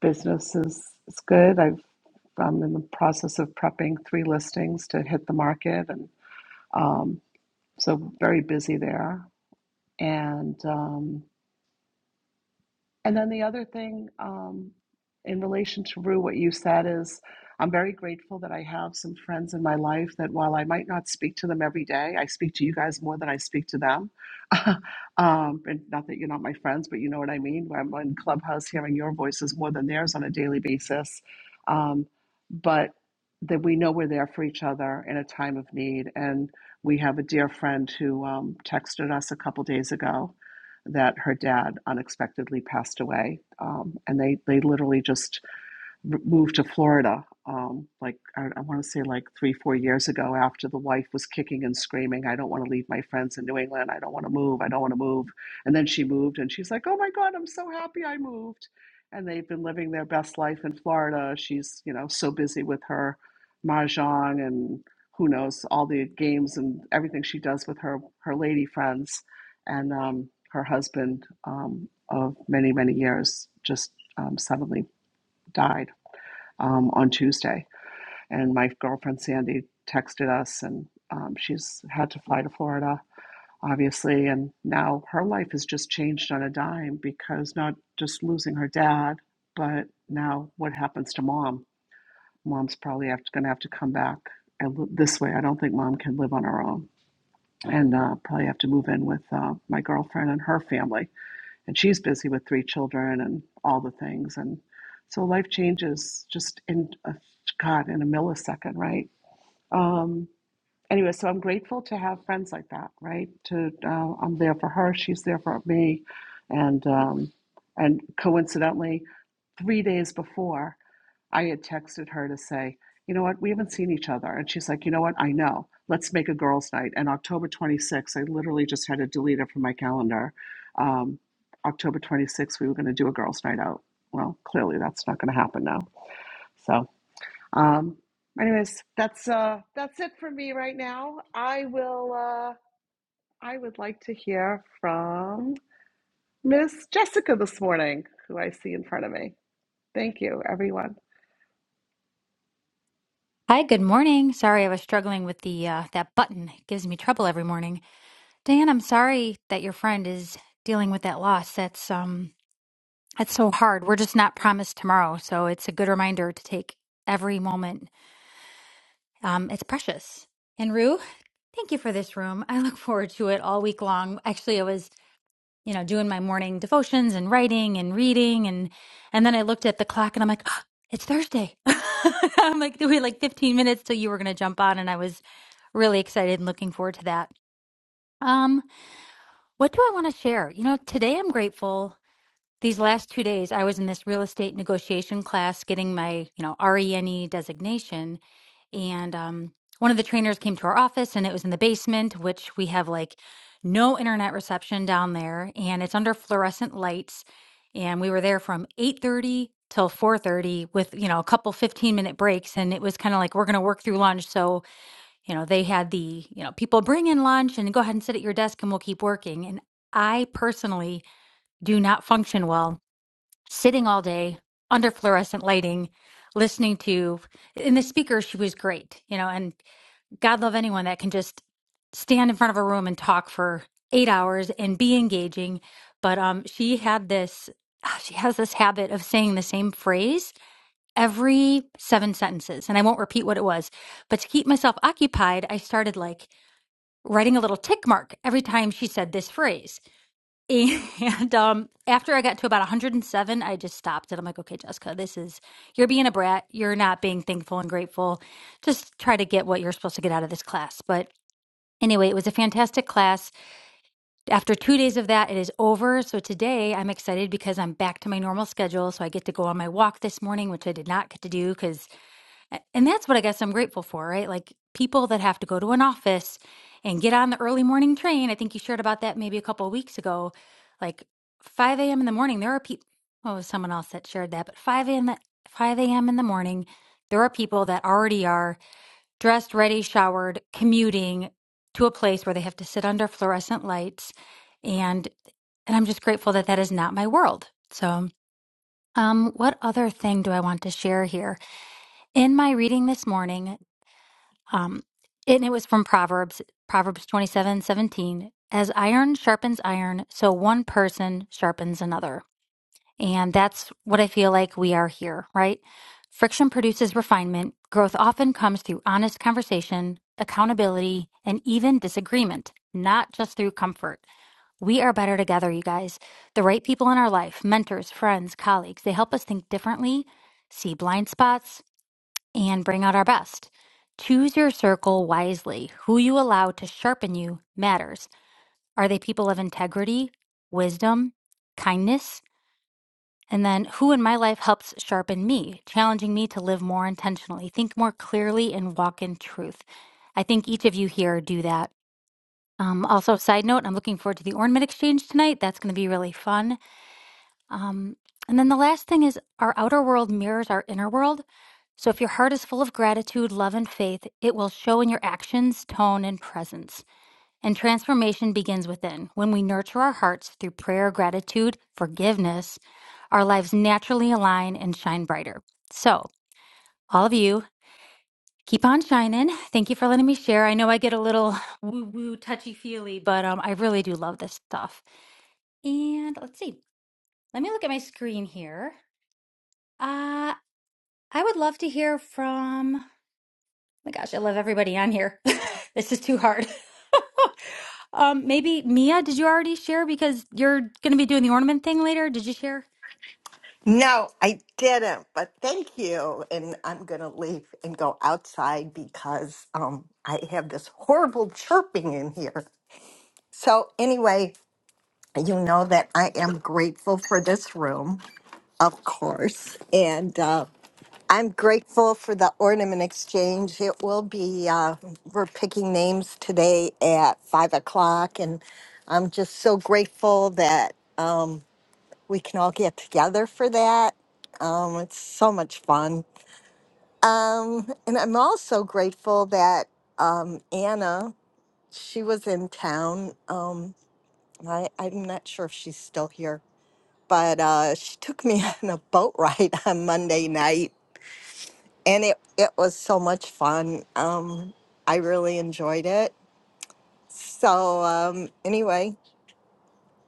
business is, is good. I've, I'm in the process of prepping three listings to hit the market and um, So very busy there. And um, and then the other thing, um, in relation to Rue, what you said is, I'm very grateful that I have some friends in my life that while I might not speak to them every day, I speak to you guys more than I speak to them. um, and not that you're not my friends, but you know what I mean. I'm on Clubhouse hearing your voices more than theirs on a daily basis. Um, but that we know we're there for each other in a time of need. And we have a dear friend who um, texted us a couple days ago that her dad unexpectedly passed away. Um, and they, they literally just moved to Florida, um, like I, I want to say like three, four years ago, after the wife was kicking and screaming, "I don't want to leave my friends in New England. I don't want to move. I don't want to move." And then she moved, and she's like, "Oh my God, I'm so happy I moved." And they've been living their best life in Florida. She's you know so busy with her mahjong and who knows all the games and everything she does with her her lady friends and um, her husband um, of many many years just um, suddenly died um, on Tuesday. And my girlfriend Sandy texted us, and um, she's had to fly to Florida, obviously. And now her life has just changed on a dime because not just losing her dad, but now what happens to mom? Mom's probably have going to gonna have to come back and li- this way. I don't think mom can live on her own. And uh, probably have to move in with uh, my girlfriend and her family and she's busy with three children and all the things and so life changes just in a, god in a millisecond right um anyway so i'm grateful to have friends like that right to uh, i'm there for her she's there for me and um and coincidentally 3 days before I had texted her to say, you know what, we haven't seen each other. And she's like, you know what, I know. Let's make a girls' night. And October 26th, I literally just had to delete it from my calendar. Um, October 26th, we were going to do a girls' night out. Well, clearly that's not going to happen now. So, um, anyways, that's uh, that's it for me right now. I will. Uh, I would like to hear from Miss Jessica this morning, who I see in front of me. Thank you, everyone.
Hi, good morning. Sorry, I was struggling with the uh, that button. It gives me trouble every morning. Dan, I'm sorry that your friend is dealing with that loss. That's um that's so hard. We're just not promised tomorrow, so it's a good reminder to take every moment. Um, it's precious. And Rue, thank you for this room. I look forward to it all week long. Actually, I was you know, doing my morning devotions and writing and reading and and then I looked at the clock and I'm like, "Ah, it's Thursday. I'm like, we had like 15 minutes till you were gonna jump on and I was really excited and looking forward to that. Um, what do I want to share? You know, today I'm grateful. These last two days I was in this real estate negotiation class getting my, you know, RENE designation and um, one of the trainers came to our office and it was in the basement which we have like no internet reception down there and it's under fluorescent lights and we were there from 8.30 till 4.30 with you know a couple 15 minute breaks and it was kind of like we're going to work through lunch so you know they had the you know people bring in lunch and go ahead and sit at your desk and we'll keep working and i personally do not function well sitting all day under fluorescent lighting listening to and the speaker she was great you know and God love anyone that can just stand in front of a room and talk for eight hours and be engaging. But um, she had this, ah, she has this habit of saying the same phrase every seven sentences. And I won't repeat what it was, but to keep myself occupied, I started like writing a little tick mark every time she said this phrase. And um, after I got to about 107, I just stopped and I'm like, okay, Jessica, this is, you're being a brat. You're not being thankful and grateful. Just try to get what you're supposed to get out of this class. But Anyway, it was a fantastic class. After two days of that, it is over. So today I'm excited because I'm back to my normal schedule. So I get to go on my walk this morning, which I did not get to do because, and that's what I guess I'm grateful for, right? Like people that have to go to an office and get on the early morning train. I think you shared about that maybe a couple of weeks ago. Like 5 a.m. in the morning, there are people, oh, someone else that shared that, but 5 a.m. that 5 a.m. in the morning, there are people that already are dressed, ready, showered, commuting to a place where they have to sit under fluorescent lights, and and I'm just grateful that that is not my world. So, um, what other thing do I want to share here? In my reading this morning, um, and it was from Proverbs, Proverbs twenty seven seventeen. As iron sharpens iron, so one person sharpens another. And that's what I feel like we are here, right? Friction produces refinement. Growth often comes through honest conversation, accountability, and even disagreement, not just through comfort. We are better together, you guys. The right people in our life, mentors, friends, colleagues, they help us think differently, see blind spots, and bring out our best. Choose your circle wisely. Who you allow to sharpen you matters. Are they people of integrity, wisdom, kindness? And then who in my life helps sharpen me, challenging me to live more intentionally, think more clearly, and walk in truth. I think each of you here do that. Um, also, side note, I'm looking forward to the ornament exchange tonight. That's going to be really fun. Um, and then the last thing is our outer world mirrors our inner world. So if your heart is full of gratitude, love, and faith, it will show in your actions, tone, and presence. And transformation begins within. When we nurture our hearts through prayer, gratitude, forgiveness, our lives naturally align and shine brighter. So, all of you, keep on shining. Thank you for letting me share. I know I get a little woo woo, touchy feely, but um, I really do love this stuff. And let's see, let me look at my screen here. Uh, I would love to hear from. my gosh, I love everybody on here. this is too hard. um, maybe Mia, did you already share because you're going to be doing the ornament thing later? Did you share?
No, I didn't, but thank you. And I'm going to leave and go outside because um, I have this horrible chirping in here. So, anyway, you know that I am grateful for this room. Of course. And uh, I'm grateful for the ornament exchange. It will be, uh, we're picking names today at five o'clock. And I'm just so grateful that um, we can all get together for that. Um, it's so much fun. Um, and I'm also grateful that um, Anna, she was in town. Um, I, I'm not sure if she's still here, but uh, she took me on a boat ride on Monday night and it it was so much fun. Um, I really enjoyed it. So um, anyway,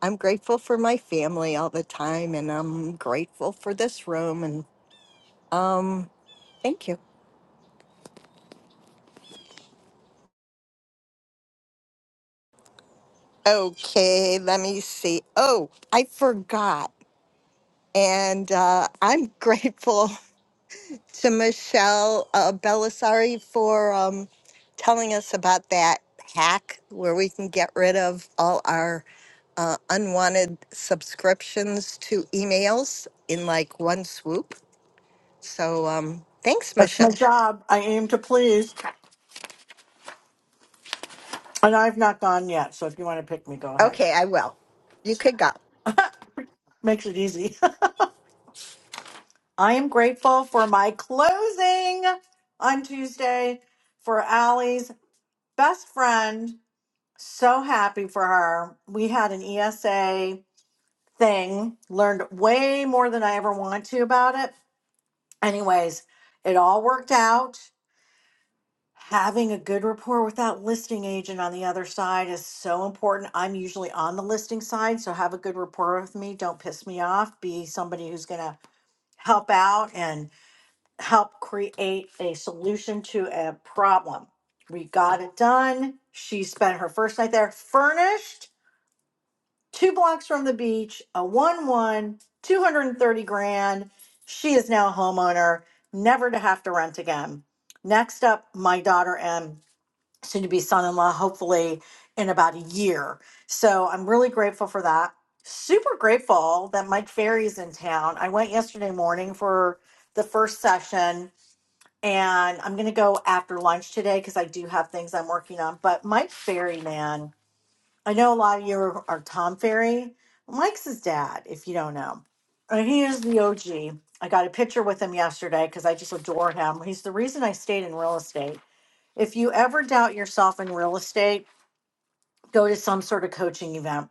I'm grateful for my family all the time, and I'm grateful for this room. And um, thank you. Okay, let me see. Oh, I forgot, and uh, I'm grateful. to Michelle uh, Belisari for um, telling us about that hack where we can get rid of all our uh, unwanted subscriptions to emails in like one swoop. So um, thanks,
That's
Michelle.
my job. I aim to please, and I've not gone yet. So if you want to pick me, go ahead.
Okay, I will. You could go.
Makes it easy. I am grateful for my closing on Tuesday for Allie's best friend. So happy for her. We had an ESA. thing, learned way more than I ever want to about it. Anyways, it all worked out. Having a good rapport with that listing agent on the other side is so important. I'm usually on the listing side, so have a good rapport with me. Don't piss me off. Be somebody who's going to help out and help create a solution to a problem. We got it done. She spent her first night there furnished two blocks from the beach, a one one, 230 grand. She is now a homeowner, never to have to rent again. Next up, my daughter M, soon to be son in law, hopefully in about a year. So I'm really grateful for that. Super grateful that Mike Ferry's in town. I went yesterday morning for the first session and I'm going to go after lunch today because I do have things I'm working on. But Mike Ferry, man, I know a lot of you are, are Tom Ferry. Mike's his dad, if you don't know. And he is the OG. I got a picture with him yesterday because I just adore him. He's the reason I stayed in real estate. If you ever doubt yourself in real estate, go to some sort of coaching event.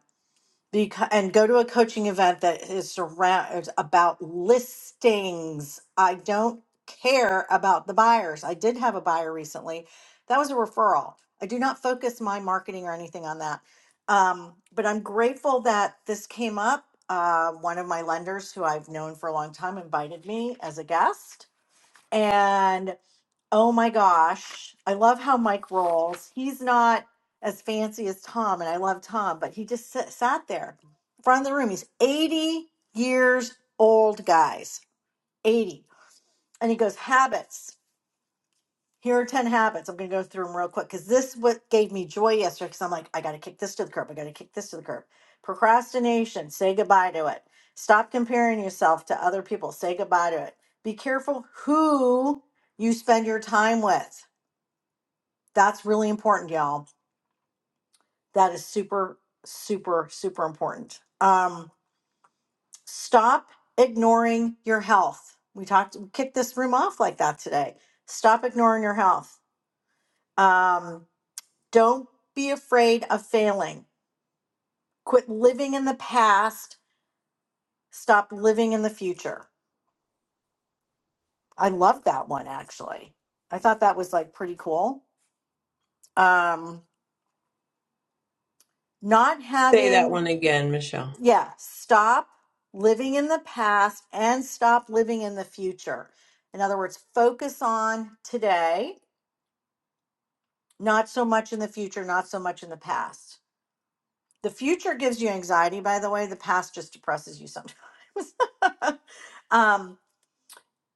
Because, and go to a coaching event that is surround is about listings. I don't care about the buyers. I did have a buyer recently. That was a referral. I do not focus my marketing or anything on that. Um, but I'm grateful that this came up. Uh, one of my lenders who I've known for a long time invited me as a guest. Oh my gosh. I love how Mike rolls. He's not as fancy as Tom, and I love Tom, but he just s- sat there in front of the room. He's 80 years old, guys. 80. And he goes, Habits. Here are 10 habits. I'm going to go through them real quick because this what gave me joy yesterday because I'm like, I got to kick this to the curb. I got to kick this to the curb. Procrastination. Say goodbye to it. Stop comparing yourself to other people. Say goodbye to it. Be careful who you spend your time with that's really important, y'all. That is super, super, super important. Um, stop ignoring your health. We talked, we kicked this room off like that today. Stop ignoring your health. Um, don't be afraid of failing. Quit living in the past. Stop living in the future. I love that one actually. I thought that was like pretty cool. Um, not
Say that
having
one again, Michelle.
yeah, stop living in the past and stop living in the future. In other words, focus on today, not so much in the future, not so much in the past. The future gives you anxiety, by the way, the past just depresses you sometimes. um,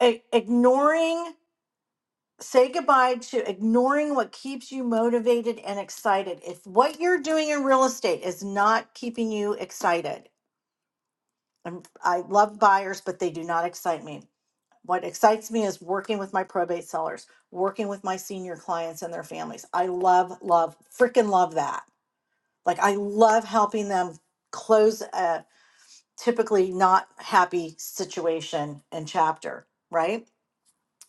i- ignoring, say goodbye to ignoring what keeps you motivated and excited. If what you're doing in real estate is not keeping you excited, and I love buyers, but they do not excite me What excites me is working with my probate sellers, working with my senior clients and their families. I love, love, freaking love that. Like, I love helping them close a typically not happy situation and chapter, right?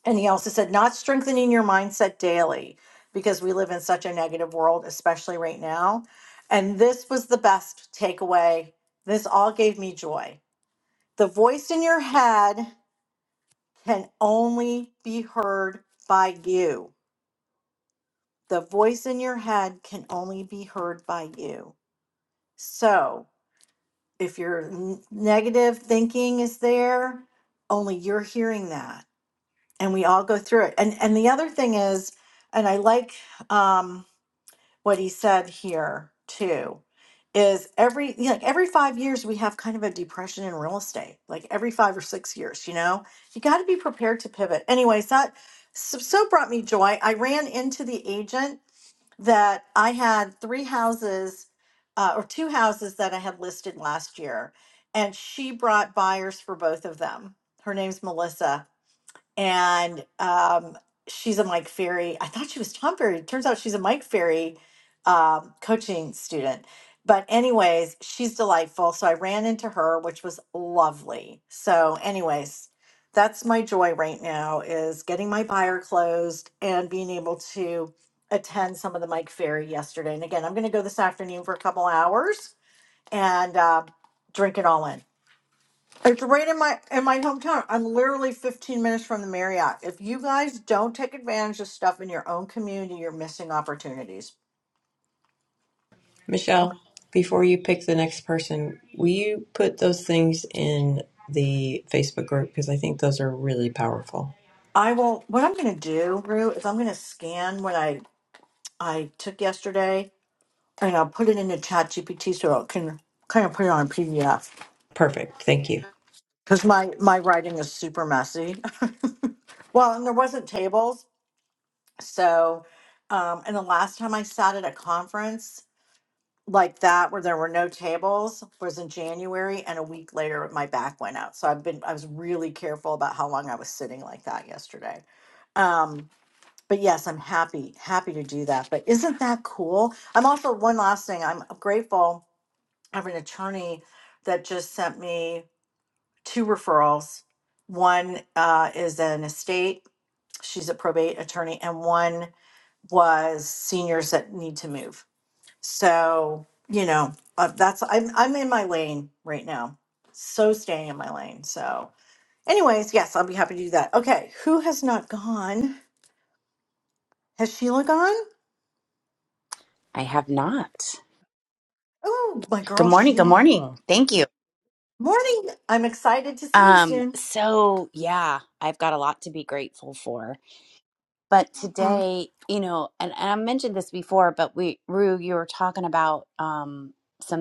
And he also said, not strengthening your mindset daily because we live in such a negative world, especially right now. And this was the best takeaway. This all gave me joy. The voice in your head can only be heard by you. The voice in your head can only be heard by you. So if your n- negative thinking is there, only you're hearing that. And we all go through it. And and the other thing is, and I like um. what he said here too is every you know, like every five years we have kind of a depression in real estate like every five or six years you know you got to be prepared to pivot anyways that so, so brought me joy i ran into the agent that i had three houses uh, or two houses that i had listed last year and she brought buyers for both of them her name's melissa and um, she's a Mike Ferry. I thought she was Tom Ferry. Turns out she's a Mike Ferry um, coaching student. But anyways, she's delightful. So I ran into her, which was lovely. So anyways, that's my joy right now is getting my buyer closed and being able to attend some of the Mike Ferry yesterday. And again, I'm going to go this afternoon for a couple hours and uh, drink it all in. It's right in my in my hometown. I'm literally 15 minutes from the Marriott. If you guys don't take advantage of stuff in your own community, you're missing opportunities.
Michelle,
Okay.
before you pick the next person, will you put those things in the Facebook group? Because I think those are really powerful.
I will. What I'm going to do, Rue, is I'm going to scan what I I took yesterday, and I'll put it into ChatGPT so it can kind of put it on a PDF
Perfect. Thank you.
because my my writing is super messy. Well, and there wasn't tables, so um, and the last time I sat at a conference. like that where there were no tables was in January and a week later my back went out. So I've been I was really careful about how long I was sitting like that yesterday. Um but yes, I'm happy happy to do that. But isn't that cool? I'm also one last thing. I'm grateful I have an attorney that just sent me two referrals. One uh, is an estate. She's a probate attorney and one was seniors that need to move. So, you know, uh, that's I'm I'm in my lane right now. So staying in my lane. So, anyways, yes, I'll be happy to do that. Okay, who has not gone? Has Sheila gone?
I had.
Oh, my
Good
girl Sheila.
morning. Thank you.
Morning. I'm excited to see you
Um.
soon.
So yeah, I've got her, but
Mm-mm.
I- you know, and this before, but we were talking about um some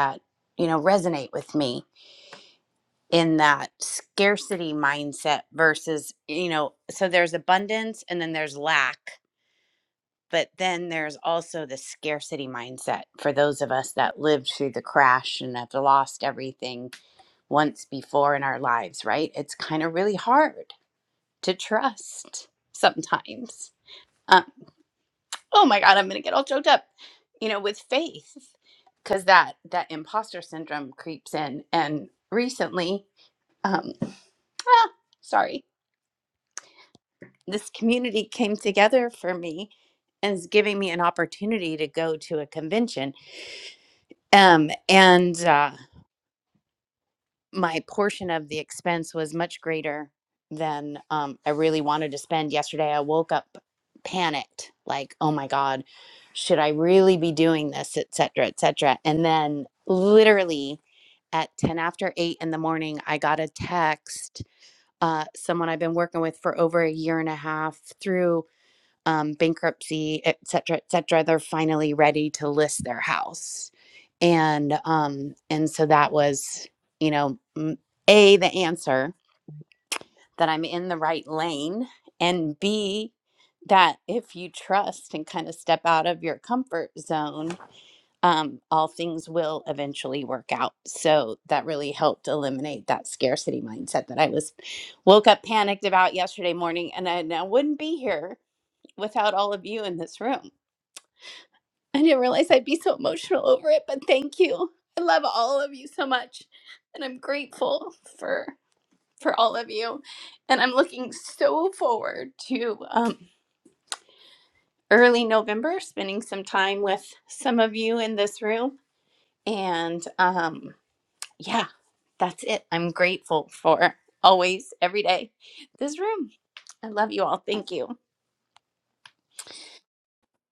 that you know resonate with me in that scarcity mindset versus you know, so there's abundance and then there's lack. But then there's also the scarcity mindset for those of us that lived through the crash and have lost everything once before in our lives, right? It's kind of really hard to trust sometimes. Um, oh my God, I'm going to get all choked up, you know, with faith because that that imposter syndrome creeps in. And recently, um, ah, sorry, this community came together for me and is giving me an opportunity to go to a convention. Um, and uh, my portion of the expense was much greater than um, I really wanted to spend yesterday. I woke up panicked, like, oh my God, should I really be doing this, et cetera, et cetera. And then literally at 10 after 8 in the morning, I got a text. Uh, someone I've been working with for over a year and a half through um, bankruptcy, et cetera, et cetera, they're finally ready to list their house. And um, and so that was, you know, m- a the answer that I'm in the right lane, and b that if you trust and kind of step out of your comfort zone, um, all things will eventually work out. So that really helped eliminate that scarcity mindset that I was woke up panicked about yesterday morning, and I, and I wouldn't be here without all of you in this room I didn't realize I'd be so emotional over it, but thank you. I love all of you so much, and I'm grateful for for all of you. And I'm looking so forward to um, early November, spending some time with some of you in this room. And um, yeah, that's it. I'm grateful for always, every day, this room. I love you all. Thank you.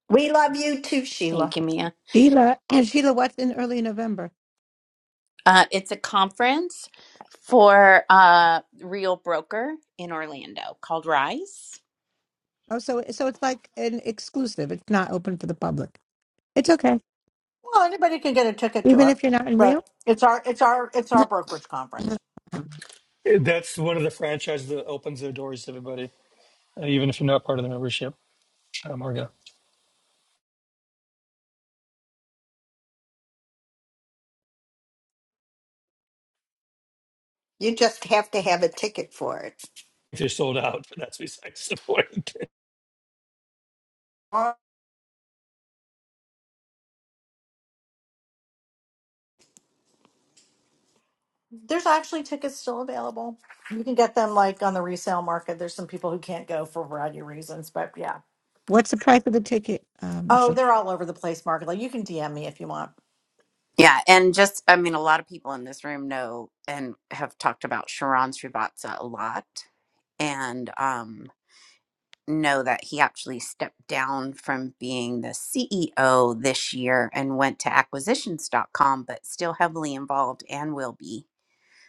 We love you too,
Thank
Sheila.
you, Mia.
Sheila, Sheila, what's in early November?
Uh, it's a conference for uh, Real Broker in Orlando called Rise.
Oh, so so it's like an exclusive. It's not open for the public. It's okay,
Well, anybody can get a ticket to
even
it,
if you're not in
but
Rio.
it's our it's our it's our brokerage conference.
That's one of the franchises that opens their doors to everybody, uh, even if you're not part of the membership. Um, Margo,
You just have to have a ticket for it.
if you're sold out, but that's besides the point.
Ah,
There's actually tickets still available. You can get them like on the resale market. There's some people who can't go for a variety of reasons, but yeah.
what's the price of the ticket, um,
Oh,
Michelle?
they're all over the place, Margola. You can DM me if you want.
Yeah, and just I mean, a lot of people in this room know and have talked about Sharon Srivatsa a lot, and um, know that he actually stepped down from being the CEO this year and went to Acquisitions dot com, but still heavily involved and will be.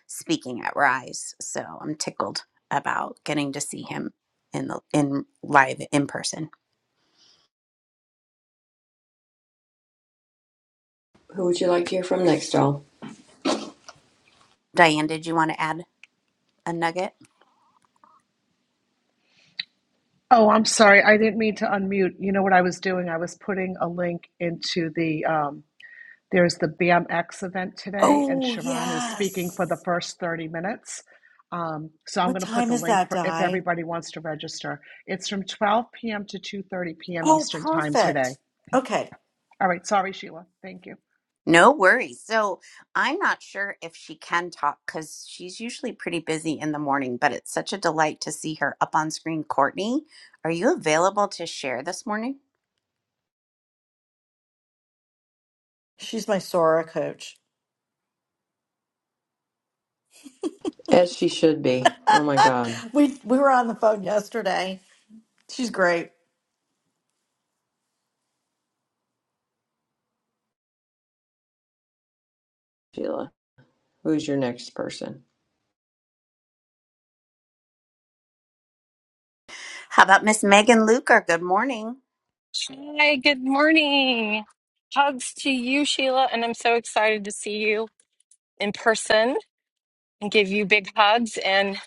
speaking at Rise. So I'm tickled about getting to see him in the in live in person.
Who would you like to hear from next, y'all?
Diane, did you want to add a nugget?
Oh, I'm sorry. I didn't mean to unmute. You know what I was doing? I was putting a link into the um, there's the BMX event today, and
Oh,
Sharon is speaking for the
yes.
first 30 minutes. Um, so I'm
What
going to put
time
the
is
link
that,
for if
Di?
everybody wants to register. It's from 12 p.m. to 2:30 p.m.
Oh,
Eastern time
perfect.
today.
Okay.
All right. Sorry, Sheila. Thank you.
No worries. So I'm not sure if she can talk because she's usually pretty busy in the morning, but it's such a delight to see her up on screen. Courtney, are you available to share this morning?
She's my Sora coach.
As she should be. Oh my God,
we we were on the phone yesterday. She's great.
Sheila. Who's your next person?
How about Miss Megan Luker? Good morning.
Hi, good morning. Hugs to you, Sheila, and I'm so excited to see you in person and give you big hugs. And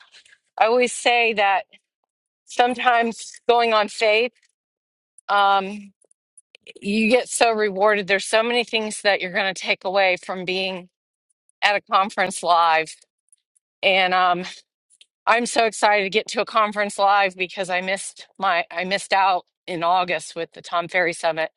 I always say that sometimes going on faith, um, you get so rewarded. There's so many things that you're going to take away from being at a conference live. And um, I'm so excited to get to a conference live because I missed my I missed out in August with the Tom Ferry Summit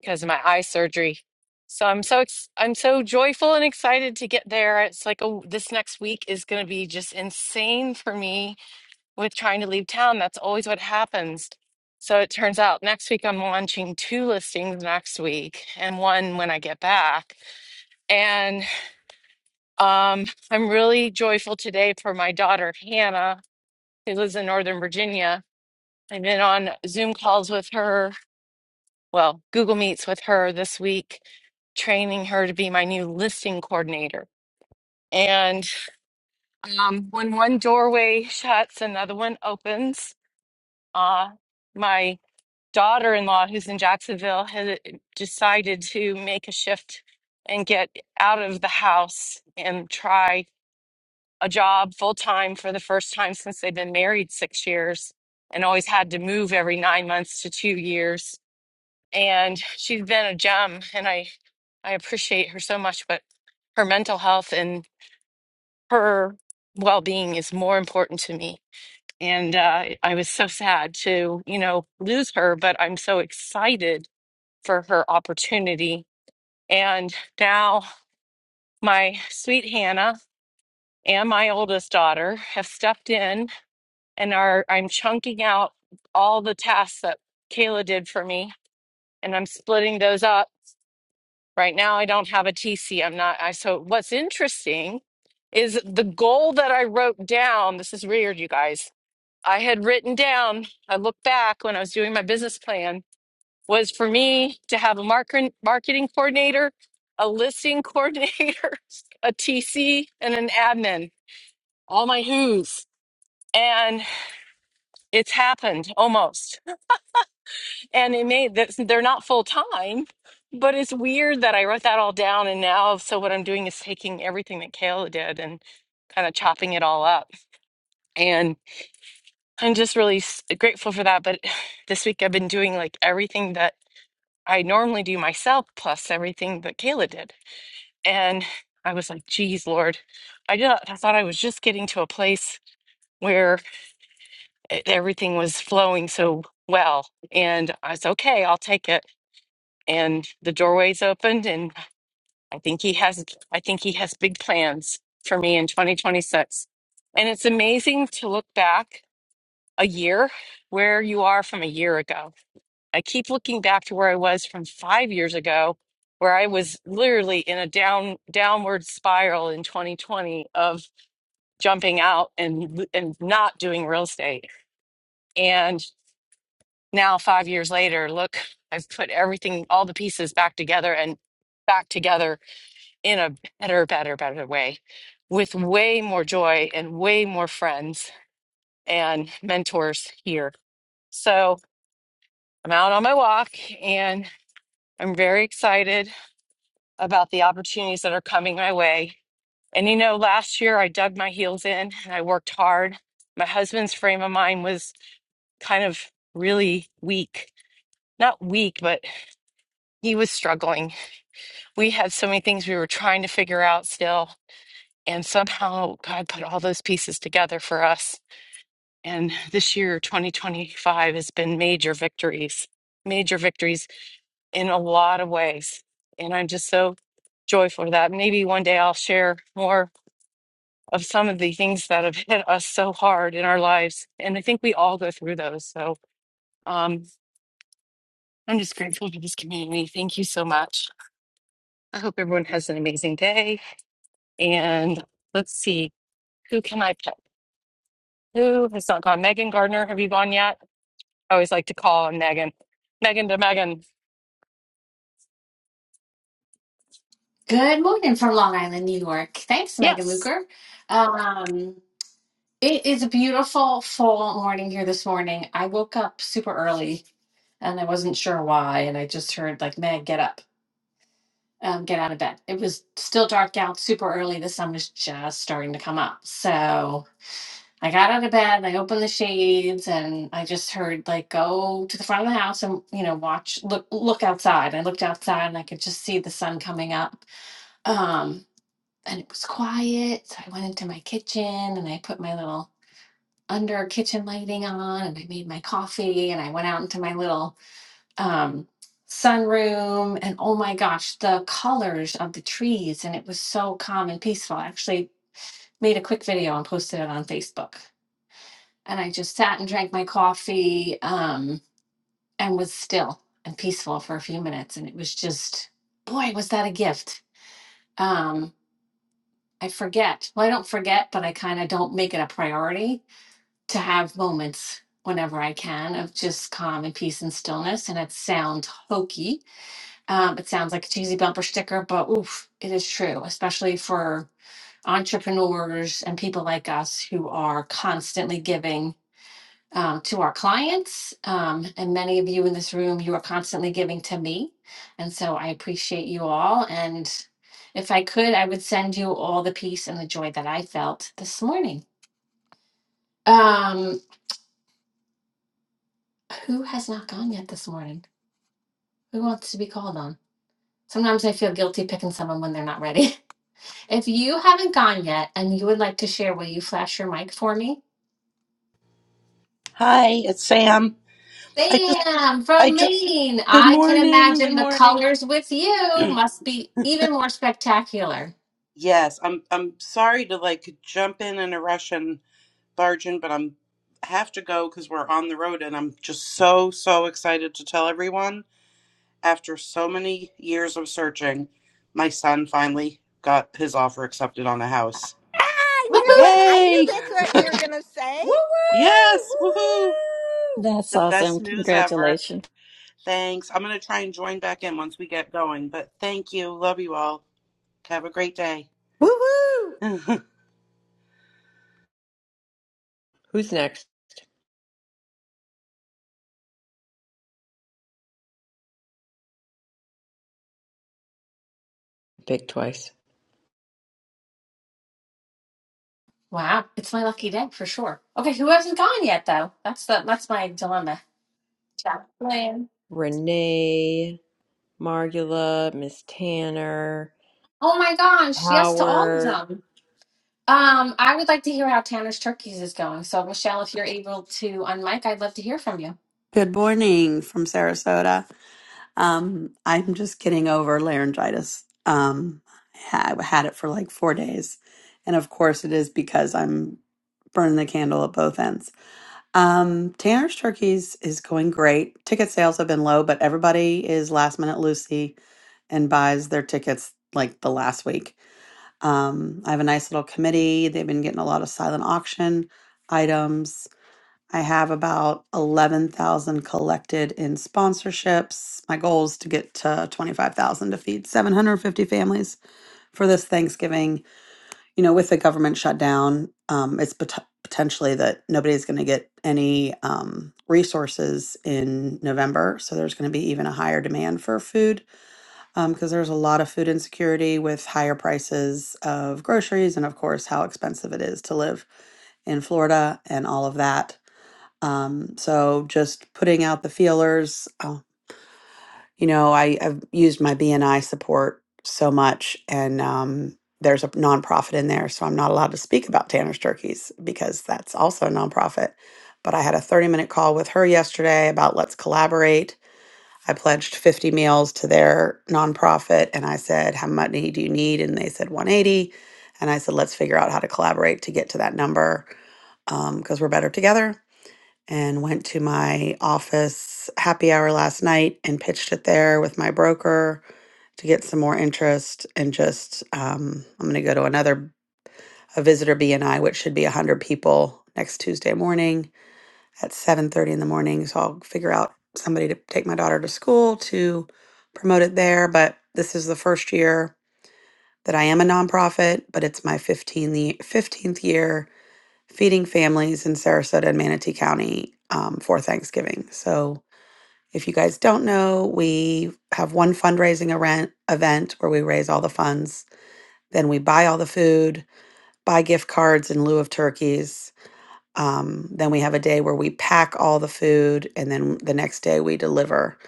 because of my eye surgery. So I'm so ex- I'm so joyful and excited to get there. It's like oh, this next week is going to be just insane for me with trying to leave town. That's always what happens. So it turns out next week I'm launching two listings next week and one when I get back. And um, I'm really joyful today for my daughter Hannah, who lives in Northern Virginia. I've been on Zoom calls with her well, Google Meets with her this week, training her to be my new listing coordinator. And um, when one doorway shuts, another one opens. Uh, my daughter in law, who's in Jacksonville, has decided to make a shift and get out of the house and try a job full time for the first time since they've been married six years and always had to move every nine months to two years and she's been a gem and i i appreciate her so much but her mental health and her well-being is more important to me and uh, i was so sad to you know lose her but i'm so excited for her opportunity and now my sweet hannah and my oldest daughter have stepped in and are i'm chunking out all the tasks that kayla did for me and i'm splitting those up Right now, I don't have a TC. I'm not. I so what's interesting is the goal that I wrote down. This is weird, you guys. I had written down. I looked back when I was doing my business plan was for me to have a market marketing coordinator, a listing coordinator, a TC, and an admin. All my who's and it's happened almost. and it made that they're not full time but it's weird that i wrote that all down and now so what i'm doing is taking everything that kayla did and kind of chopping it all up and i'm just really s- grateful for that but this week i've been doing like everything that i normally do myself plus everything that kayla did and i was like geez lord i just i thought i was just getting to a place where e- everything was flowing so well and i was okay i'll take it and the doorway's opened and I think he has I think he has big plans for me in 2026. And it's amazing to look back a year where you are from a year ago. I keep looking back to where I was from 5 years ago where I was literally in a down downward spiral in 2020 of jumping out and and not doing real estate. And now 5 years later, look, I've put everything all the pieces back together and back together in a better, better, better way with way more joy and way more friends and mentors here. So I'm out on my walk and I'm very excited about the opportunities that are coming my way. And you know, last year I dug my heels in and I worked hard. My husband's frame of mind was kind of really weak. Not weak, but he was struggling. We had so many things we were trying to figure out still. And somehow God put all those pieces together for us And this year, 2025, has been major victories, major victories in a lot of ways. And I'm just so joyful for that. Maybe one day I'll share more of some of the things that have hit us so hard in our lives. And I think we all go through those. So um, I'm just grateful for this community. Thank you so much. I hope everyone has an amazing day. And let's see, who can I pick? Who has not gone? Megan Gardner, have you gone yet? I always like to call on Megan. Megan to Megan.
Good morning from Long Island, New York. Thanks, Megan
Yes.
Luker. Um, it is a beautiful fall morning here this morning. I woke up super early and I wasn't sure why. And I just heard, like, Meg, get up, um, get out of bed. It was still dark out, super early. The sun was just starting to come up. So I got out of bed and I opened the shades and I just heard, like, go to the front of the house and, you know, watch, look, look outside. I looked outside and I could just see the sun coming up. Um, and it was quiet. So I went into my kitchen and I put my little under kitchen lighting on and I made my coffee and I went out into my little um, sunroom. And oh my gosh, the colors of the trees. And it was so calm and peaceful. I actually made a quick video and posted it on Facebook. And I just sat and drank my coffee um, and was still and peaceful for a few minutes. And it was just, boy, was that a gift. Um, I forget. Well, I don't forget, but I kind of don't make it a priority to have moments whenever I can of just calm and peace and stillness. And it sounds hokey. Um, it sounds like a cheesy bumper sticker, but oof, it is true, especially for entrepreneurs and people like us who are constantly giving um, to our clients. Um, and many of you in this room, you are constantly giving to me. And so I appreciate you all. And if I could, I would send you all the peace and the joy that I felt this morning. Um, who has not gone yet this morning? Who wants to be called on? Sometimes I feel guilty picking someone when they're not ready. if you haven't gone yet and you would like to share, will you flash your mic for me?
Hi, it's Sam. I just,
Sam
I
from
just,
Maine.
good
I can
morning,
imagine
good
the
morning.
colors with you must be even more spectacular.
Yes, I'm, I'm sorry to like jump in in a rush and barge in, but I'm have to go because we're on the road, and I'm just so, so excited to tell everyone. After so many years of searching, my son finally got his offer accepted on a house.
I knew
Woohoo!
it. I knew
Yay!
that's what you were going to say.
Woo woo! Woo
Yes, woohoo!
woo! woo!
That's
The best
awesome.
news ever.
Congratulations.
Thanks. I'm gonna try and join back in once we get going, but thank you. Love you all. Have a great day.
Woo hoo!
Who's next? Pick twice.
Wow, it's my lucky day for sure. Okay, who hasn't gone yet though? That's the that's my dilemma. Chaplain.
Renee, Margula, Miss Tanner,
Oh my gosh, yes to all of
Howard.
them. Um, I would like to hear how Tanner's Turkeys is going. So Michelle, if you're able to unmic, I'd love to hear from you.
Good morning from Sarasota. Um, I'm just getting over laryngitis. Um, I ha- had it for like four days. And of course, it is because I'm burning the candle at both ends. Um, Tanner's Turkeys is going great. Ticket sales have been low, but everybody is last minute Lucy and buys their tickets like the last week. Um, I have a nice little committee. They've been getting a lot of silent auction items. I have about 11,000 collected in sponsorships. My goal is to get to 25,000 to feed 750 families for this Thanksgiving. You know, with the government shutdown, um, it's pot- potentially that nobody's going to get any um, resources in November. So there's going to be even a higher demand for food um, because there's a lot of food insecurity with higher prices of groceries and, of course, how expensive it is to live in Florida and all of that. Um, so just putting out the feelers. Uh, you know, I, I've used my BNI support so much, and um, there's a nonprofit in there, so I'm not allowed to speak about Tanner's turkeys because that's also a nonprofit. But I had a 30 minute call with her yesterday about let's collaborate I pledged 50 meals to their nonprofit and I said, How much do you need? And they said 180. And I said, Let's figure out how to collaborate to get to that number because we're better together. And went to my office happy hour last night and pitched it there with my broker to get some more interest. And just, um, I'm going to go to another a visitor BNI, which should be 100 people next Tuesday morning at 7:30 in the morning so I'll figure out somebody to take my daughter to school to promote it there but this is the first year that I am a nonprofit but it's my 15th, the 15th year feeding families in Sarasota and Manatee County um, for Thanksgiving so if you guys don't know we have one fundraising event event where we raise all the funds then we buy all the food buy gift cards in lieu of turkeys um, then we have a day where we pack all the food, and then the next day we deliver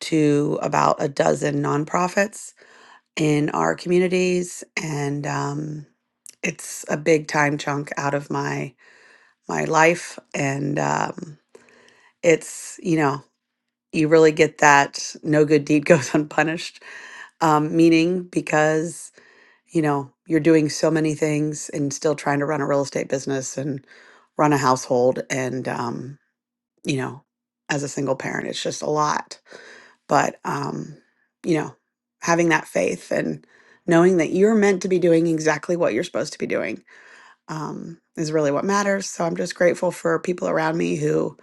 to about a dozen nonprofits in our communities. And um, it's a big time chunk out of my my life, and um, it's you know you really get that no good deed goes unpunished um, meaning because you know you're doing so many things and still trying to run a real estate business and run a household and um, you know, as a single parent, it's just a lot. But, um, you know, having that faith and knowing that you're meant to be doing exactly what you're supposed to be doing um, is really what matters. So I'm just grateful for people around me who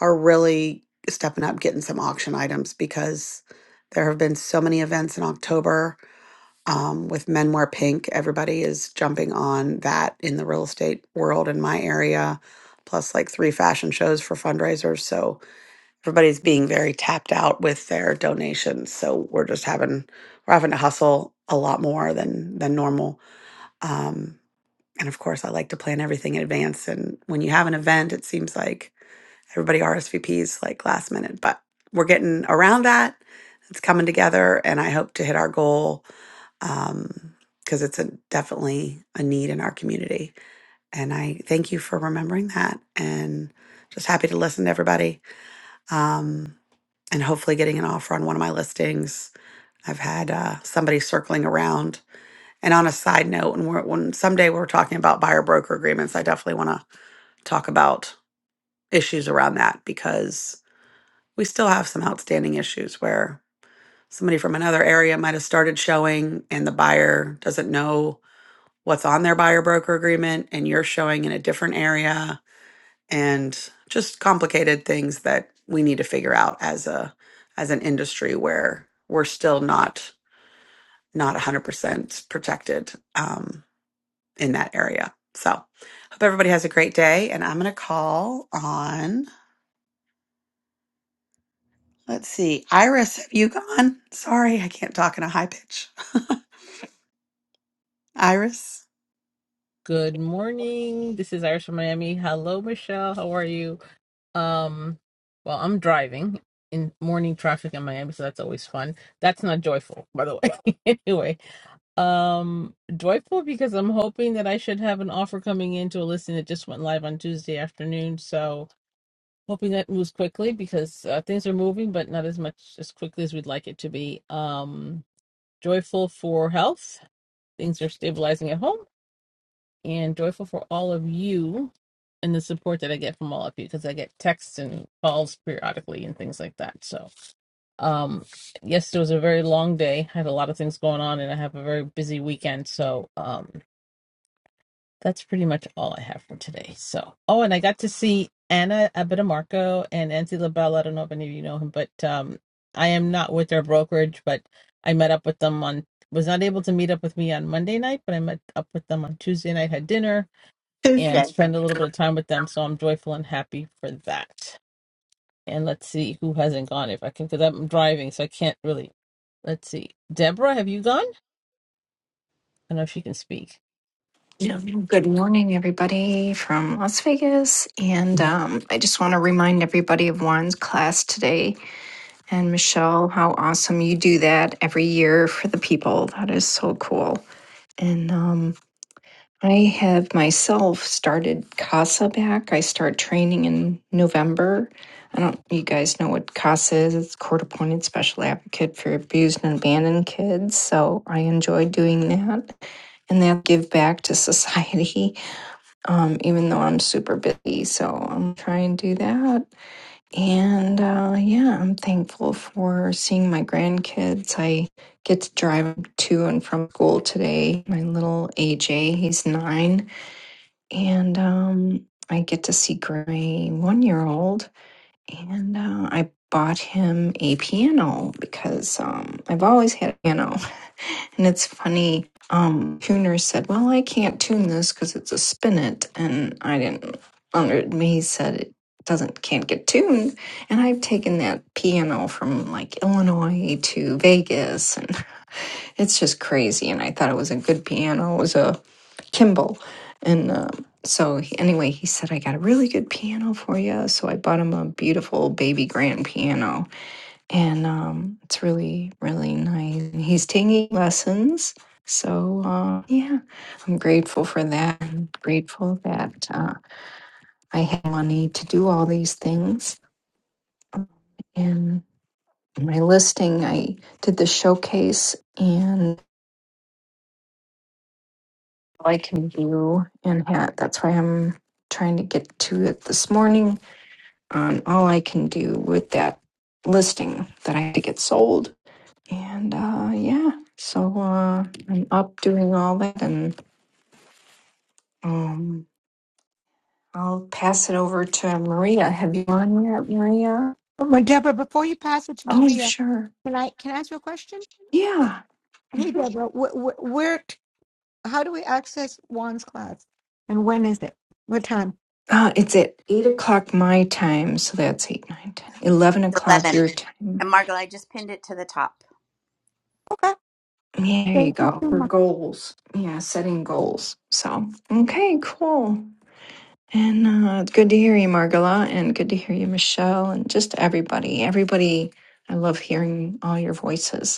are really stepping up, getting some auction items because there have been so many events in October um, with Men Wear Pink. Everybody is jumping on that in the real estate world in my area, plus like three fashion shows for fundraisers. So, everybody's being very tapped out with their donations so we're just having we're having to hustle a lot more than than normal um and of course i like to plan everything in advance and when you have an event it seems like everybody rsvps like last minute but we're getting around that it's coming together and i hope to hit our goal um because it's a definitely a need in our community and i thank you for remembering that and just happy to listen to everybody um and hopefully getting an offer on one of my listings. I've had uh, somebody circling around. And on a side note, when, we're, when someday we're talking about buyer broker agreements, I definitely want to talk about issues around that because we still have some outstanding issues where somebody from another area might have started showing and the buyer doesn't know what's on their buyer broker agreement and you're showing in a different area and just complicated things that we need to figure out as a as an industry where we're still not not 100% protected um, in that area so hope everybody has a great day and i'm going to call on let's see iris have you gone sorry i can't talk in a high pitch iris
Good morning. This is Iris from Miami. Hello, Michelle. How are you? Um, well, I'm driving in morning traffic in Miami, so that's always fun. That's not joyful, by the way. anyway, um, joyful because I'm hoping that I should have an offer coming in to a listing that just went live on Tuesday afternoon. So hoping that moves quickly because uh, things are moving, but not as much as quickly as we'd like it to be. Um, joyful for health. Things are stabilizing at home and joyful for all of you and the support that I get from all of you because I get texts and calls periodically and things like that. So, um, yesterday was a very long day. I had a lot of things going on and I have a very busy weekend. So, um, that's pretty much all I have for today. So, oh, and I got to see Anna Abitamarco and Nancy LaBelle. I don't know if any of you know him, but um, I am not with their brokerage, but I met up with them on was not able to meet up with me on Monday night, but I met up with them on Tuesday night, had dinner, and spend a little
Tuesday.
bit of time with them. So I'm joyful and happy for that. And let's see who hasn't gone. If I can, because I'm driving, so I can't really. Let's see. Deborah, have you gone? I don't know if she can speak.
Yeah. Good morning, everybody from Las Vegas. And um, I just want to remind everybody of Juan's class today. And Michelle, how awesome you do that every year for the people. That is so cool. And um, I have myself started CASA back. I start training in November. I don't, you guys know what CASA is. It's court appointed special advocate for abused and abandoned kids. So I enjoy doing that and that give back to society um, even though I'm super busy. So I'm trying to do that. And uh, yeah, I'm thankful for seeing my grandkids. I get to drive to and from school today. My little AJ, he's nine. And um, I get to see Gr- my one year old. And uh, I bought him a piano because um, I've always had a piano. And it's funny, um, tuner said, Well, I can't tune this because it's a spinet. And I didn't, under, he said it doesn't, can't get tuned. And I've taken that piano from like Illinois to Vegas and it's just crazy. And I thought it was a good piano. It was a Kimball. And, um, so he, anyway, he said, I got a really good piano for you. So I bought him a beautiful baby grand piano and um, it's really really nice. And he's taking lessons, so uh, yeah, I'm grateful for that. I'm grateful that uh, I have money to do all these things. And my listing, I did the showcase and all I can do, and had, that's why I'm trying to get to it this morning on all I can do with that listing that I had to get sold And uh, yeah, so uh, I'm up doing all that, and um, I'll pass it over to Maria. Have you on yet, Maria?
Oh, my Deborah, before you pass it to
Oh,
Maria,
sure.
can I can I ask you a question?
Yeah.
Hey,
Mhm.
Deborah, wh- wh- where? t- How do we access Juan's class, and when is it? What time?
Uh, it's at 8 o'clock my time, so that's 8, nine, ten, eleven
It's
o'clock
11.
your time.
And Margot, I just pinned it to the top.
Okay,
Yeah, there you
thank you
go.
so
For
much,
goals. Yeah, setting goals. So, okay, cool. And uh, it's good to hear you, Margola, and good to hear you, Michelle, and just everybody. Everybody I love hearing all your voices.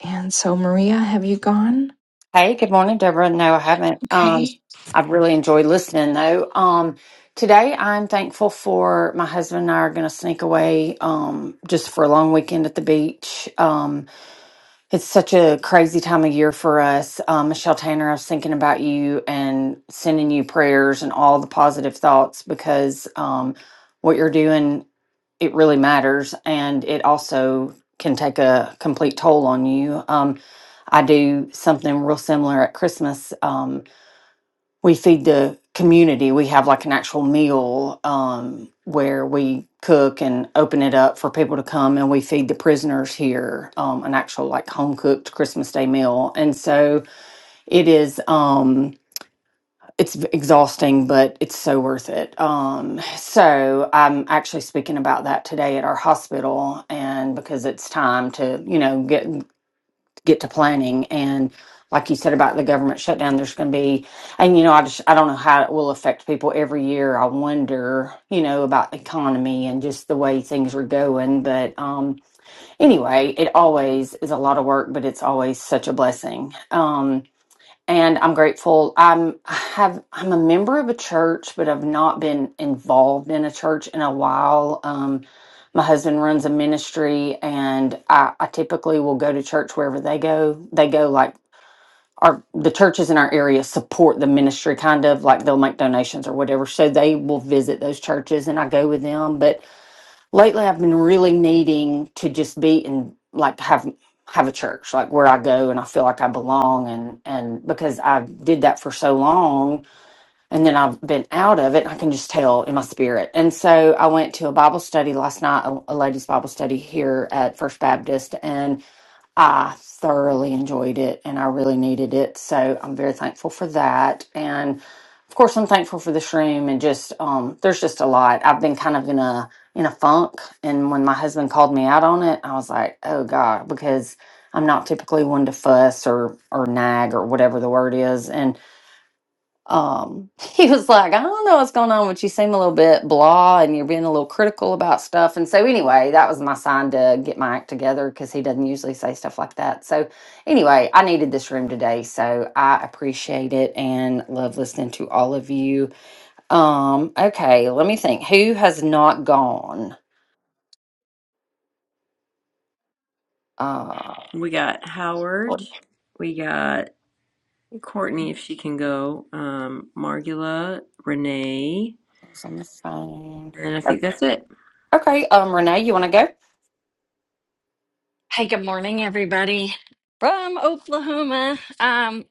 And so, Maria, have you gone?
Hey, good morning, Deborah. No, I haven't. Um,
Okay.
I've really enjoyed listening though. Um, today I'm thankful for my husband and I are going to sneak away um, just for a long weekend at the beach. Um, It's such a crazy time of year for us. Um, Michelle Tanner, I was thinking about you and sending you prayers and all the positive thoughts because um, what you're doing, it really matters. And it also can take a complete toll on you. Um, I do something real similar at Christmas. um, we feed the community. We have like an actual meal um, where we cook and open it up for people to come, and we feed the prisoners here um, an actual like home cooked Christmas Day meal. And so it is. Um, it's v- exhausting, but it's so worth it. Um, so I'm actually speaking about that today at our hospital, and because it's time to, you know, get get to planning and like you said about the government shutdown there's going to be and you know i just i don't know how it will affect people every year i wonder you know about the economy and just the way things are going but um anyway it always is a lot of work but it's always such a blessing Um, and I'm grateful. I'm I have I'm a member of a church, but I've not been involved in a church in a while. Um, my husband runs a ministry, and I, I typically will go to church wherever they go. They go like our the churches in our area support the ministry, kind of like they'll make donations or whatever. So they will visit those churches, and I go with them, but lately i've been really needing to just be and like have have a church like where i go and i feel like i belong and and because i did that for so long and then i've been out of it i can just tell in my spirit and so i went to a bible study last night a, a ladies bible study here at first baptist and. I thoroughly enjoyed it and I really needed it. So I'm very thankful for that. And of course, I'm thankful for this room and just, um, there's just a lot. I've been kind of in a, in a funk. And when my husband called me out on it, I was like, oh God, because I'm not typically one to fuss or, or nag or whatever the word is. and um he was like i don't know what's going on but you seem a little bit blah and you're being a little critical about stuff and so anyway that was my sign to get my act together because he doesn't usually say stuff like that so anyway i needed this room today so i appreciate it and love listening to all of you um okay let me think who has not gone uh
We got
what
Howard. We got Courtney, if she can go. Um, Margula, Renee.
is on the phone
And I
O-
think that's it.
okay um renee you want to go
Hey, good morning, everybody from Oklahoma. Um,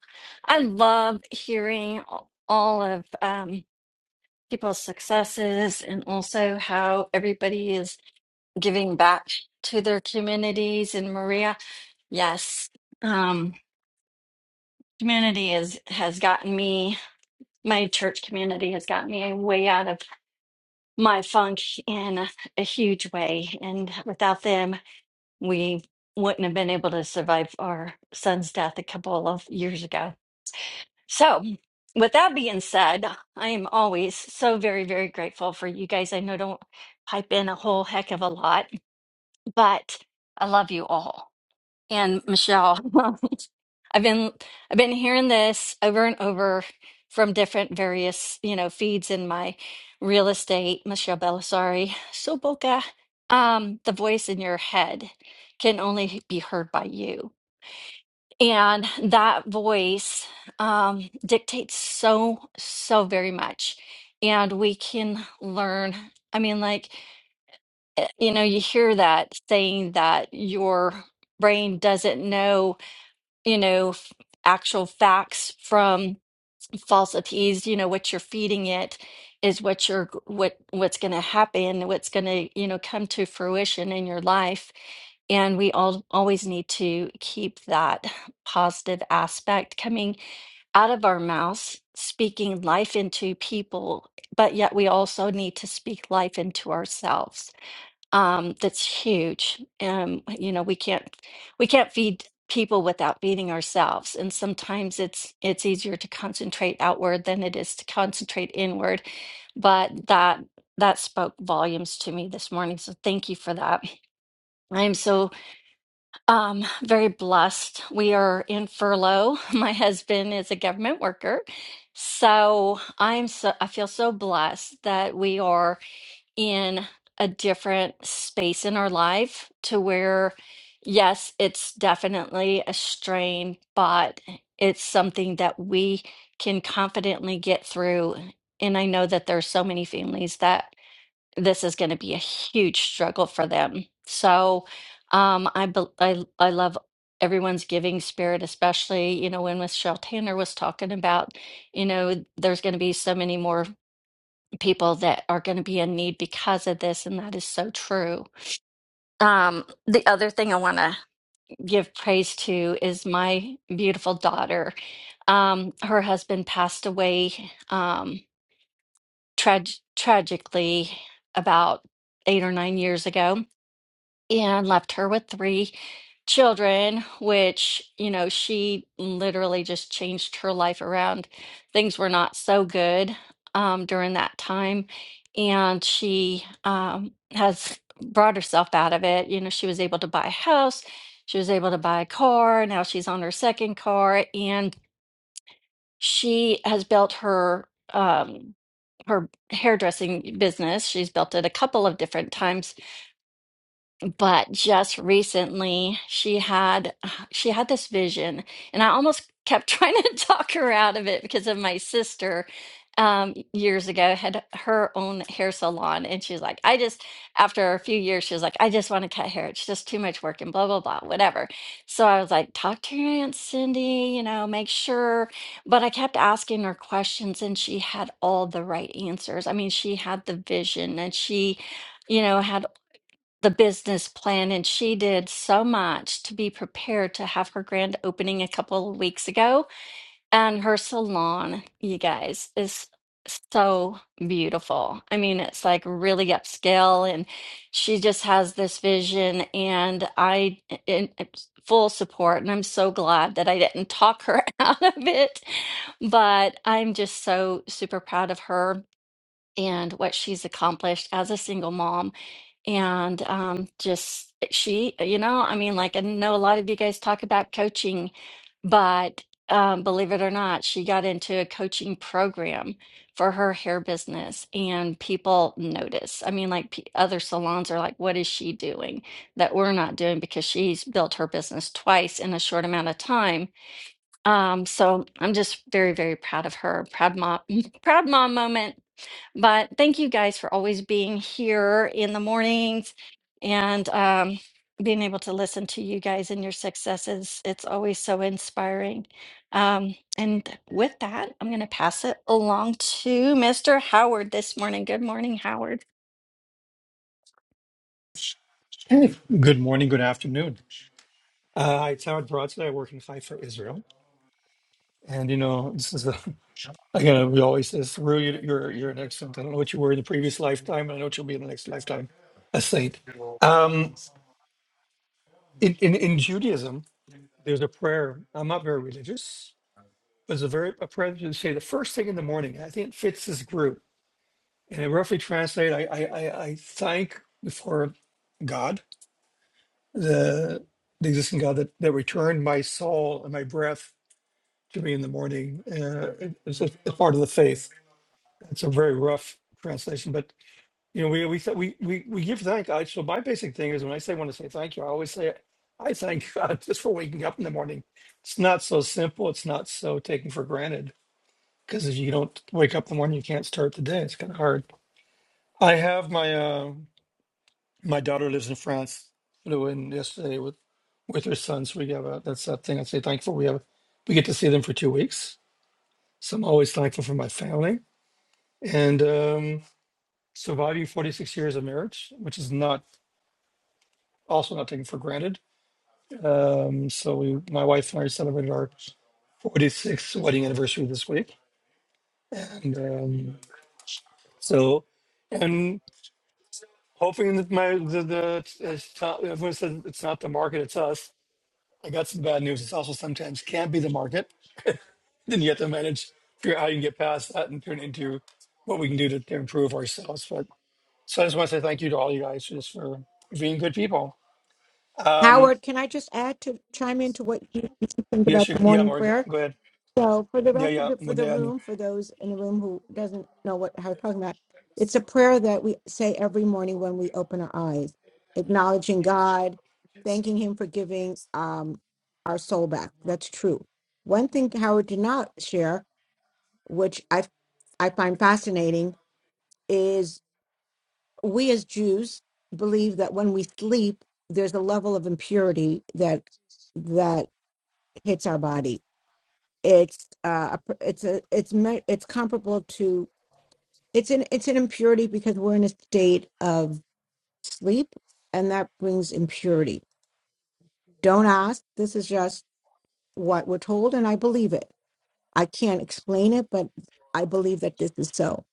I love hearing all of um, people's successes and also how everybody is giving back to their communities. And Maria, yes, um, community is has gotten me, my church community has gotten me way out of my funk in a, a huge way. And without them, we wouldn't have been able to survive our son's death a couple of years ago. So, with that being said, I am always so very, very grateful for you guys. I know I don't pipe in a whole heck of a lot, but I love you all. And Michelle, I've been I've been hearing this over and over from different various, you know, feeds in my real estate, Michelle Belisari, Soboka. Um, the voice in your head can only be heard by you. And that voice um, dictates so, so very much. And we can learn. I mean, like, eh, you know, you hear that saying that your brain doesn't know you know, f- actual facts from falsities, you know, what you're feeding it is what you're what what's going to happen, what's going to, you know, come to fruition in your life. And we all always need to keep that positive aspect coming out of our mouths, speaking life into people, but yet we also need to speak life into ourselves um, that's huge. Um, you know, we can't we can't feed people without feeding ourselves, and sometimes it's it's easier to concentrate outward than it is to concentrate inward. But that that spoke volumes to me this morning, so thank you for that. I am so um, very blessed. We are in furlough. My husband is a government worker, so I'm so I feel so blessed that we are in a different space in our life to where, yes, it's definitely a strain, but it's something that we can confidently get through. And I know that there's so many families that this is going to be a huge struggle for them. So um, I, bel I, I love everyone's giving spirit, especially, you know, when Michelle Tanner was talking about, you know, there's going to be so many more people that are going to be in need because of this, and that is so true. Um, the other thing I want to give praise to is my beautiful daughter. Um, her husband passed away um, trag- tragically about eight or nine years ago and left her with three children, which, you know, she literally just changed her life around. Things were not so good um, during that time. And she um, has brought herself out of it. You know, she was able to buy a house, she was able to buy a car. Now she's on her second car, and she has built her. Um, her hairdressing business. She's built it a couple of different times but just recently she had she had this vision and i almost kept trying to talk her out of it because of my sister um years ago had her own hair salon and she's like i just after a few years she was like i just want to cut hair it's just too much work and blah blah blah whatever so i was like talk to your aunt cindy you know make sure but i kept asking her questions and she had all the right answers i mean she had the vision and she you know, had the business plan, and she did so much to be prepared to have her grand opening a couple of weeks ago. And her salon, you guys, is so beautiful. I mean, it's like really upscale, and she just has this vision. And I, in in full support, and I'm so glad that I didn't talk her out of it. But I'm just so super proud of her and what she's accomplished as a single mom and um, just eh, she, you know, I mean, like I know a lot of you guys talk about coaching, but um, believe it or not, she got into a coaching program for her hair business, and people notice. I mean, like p other salons are like, what is she doing that we're not doing? Because she's built her business twice in a short amount of time. Um, so I'm just very, very proud of her. Proud mom, proud mom moment. But thank you guys for always being here in the mornings and um, being able to listen to you guys and your successes. It's always so inspiring. Um, and with that, I'm going to pass it along to Mr. Howard this morning. Good morning, Howard.
Good morning. Good afternoon. Uh, hi, it's Howard Brodsky. I work in Haifa, Israel. And, you know, this is a, again, we always say, Saru, you- you're, you're an excellent. I don't know what you were in the previous lifetime, and I know what you'll be in the next lifetime, a saint. Um, in, in, in Judaism, there's a prayer. I'm not very religious, but there's a, very, a prayer that you say the first thing in the morning. And I think it fits this group. And I roughly translate, I, I, I, I thank before God, the, the existing God that, that returned my soul and my breath to me in the morning. Uh, it- it's just a it's part of the faith. It's a very rough translation, but you know, we we th- we we we give thank God. So my basic thing is when I say want to say thank you, I always say I thank God just for waking up in the morning. It's not so simple. It's not so taken for granted because if you don't wake up in the morning, you can't start the day. It's kind of hard. I have my uh, my daughter lives in France. Flew in yesterday with with her son, so we have a that's that thing. I say thankful we have we get to see them for two weeks So I'm always thankful for my family and um, surviving 46 years of marriage, which is not also not taken for granted. Um, so we, my wife and I celebrated our 46th wedding anniversary this week, and um, so and hoping that my the, the it's not, everyone said it's not the market, it's us. I got some bad news. It's also sometimes can be the market. Then you have to manage, figure out how you can get past that and turn into what we can do to, to improve ourselves. But So I just want to say thank you to all you guys just for being good people. Um,
Howard. Can I just add to chime into what you you think
yes,
about
you,
the
yeah,
morning
Morgan,
prayer?
go ahead.
So for the
Yeah,
rest of
yeah,
the for the
מודה אני.
room, for those in the room who doesn't know what how we're talking about, it's a prayer that we say every morning when we open our eyes, acknowledging God, thanking Him for giving um, our soul back. That's true. One thing Howard did not share, which I I find fascinating, is we as Jews believe that when we sleep, there's a level of impurity that that hits our body it's uh a pr- it's a it's me- it's comparable to it's an it's an impurity because we're in a state of sleep and that brings impurity don't ask this is just what we're told and i believe it i can't explain it but i believe that this is so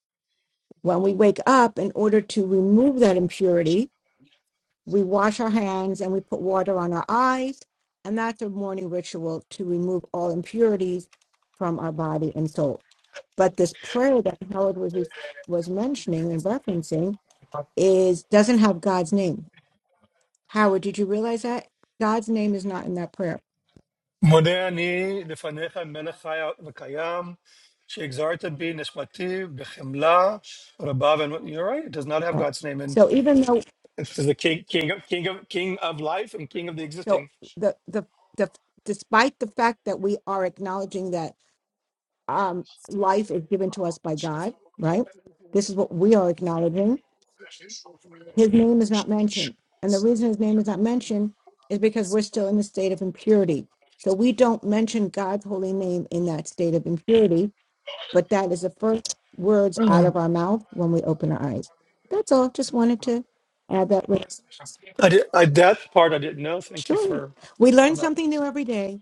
when we wake up in order to remove that impurity we wash our hands and we put water on our eyes and that's a morning ritual to remove all impurities from our body and soul but this prayer that Howard was re- was mentioning and referencing is doesn't have God's name. Howard, did you realize that God's name is not in that prayer?
מודה אני לפניך מלך חי וקיים, שהגזרת בי נשמתי בחמלה רבה. and You're right, it does not have
Right.
God's name. And
So even though
it's the king, king, of, king, of, king of life and king of the
so
existing.
the the the despite the fact that we are acknowledging that um, life is given to us by God, right? This is what we are acknowledging. His name is not mentioned, and the reason his name is not mentioned is because we're still in the state of impurity. So we don't mention God's holy name in that state of impurity but that is the first words out of
Mm.
our mouth when we open our eyes. That's all. Just wanted to add that. With.
I did, I, that part I didn't know. Thank you
Sure.
for
We learn
on that.
something new every day.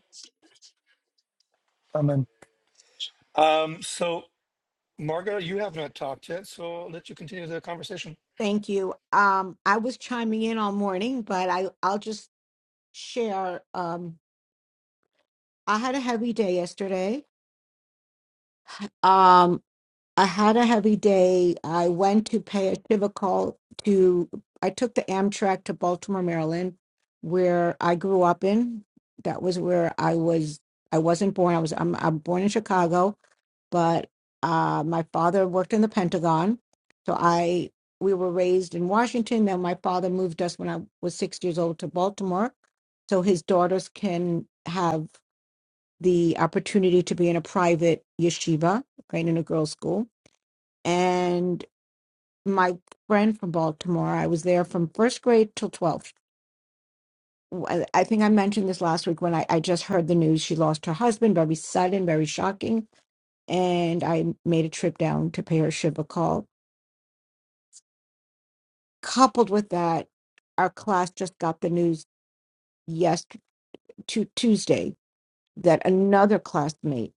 Amen. Um, so, Marga, you have not talked yet, so I'll let you continue the conversation.
Thank you. Um, I was chiming in all morning, but I, I'll just share. Um, I had a heavy day yesterday. Um, I had a heavy day. I went to pay a Shiva call to, I took the Amtrak to Baltimore, Maryland, where I grew up in. That was where I was, I wasn't born. I was, I'm, I'm born in Chicago, but uh, my father worked in the Pentagon. So I, we were raised in Washington. Then my father moved us when I was six years old to Baltimore. So his daughters can have the opportunity to be in a private yeshiva, right, in a girls' school and my friend from Baltimore. I was there from first grade till 12th. I I think I mentioned this last week when I, I just heard the news. She lost her husband, very sudden, very shocking. And I made a trip down to pay her Shiva call. Coupled with that, our class just got the news yes to Tuesday that another classmate,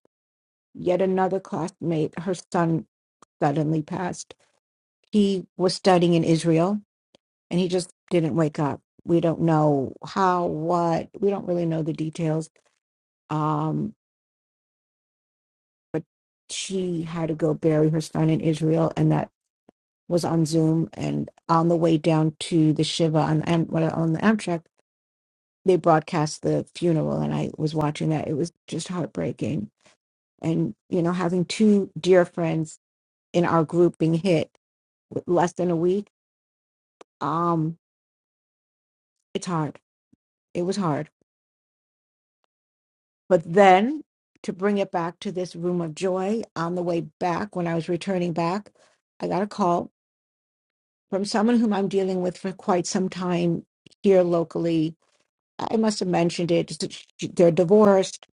yet another classmate, her son suddenly passed. He was studying in Israel and he just didn't wake up. We don't know how, what, we don't really know the details. Um, she had to go bury her son in Israel, and that was on Zoom. And on the way down to the Shiva on, Am- well, on the Amtrak, they broadcast the funeral, and I was watching that. It was just heartbreaking. And, you know, having two dear friends in our group being hit with less than a week, um, it's hard. It was hard But then to bring it back to this room of joy, on the way back, when I was returning back, I got a call from someone whom I'm dealing with for quite some time here locally. I must have mentioned it. just that she- They're divorced.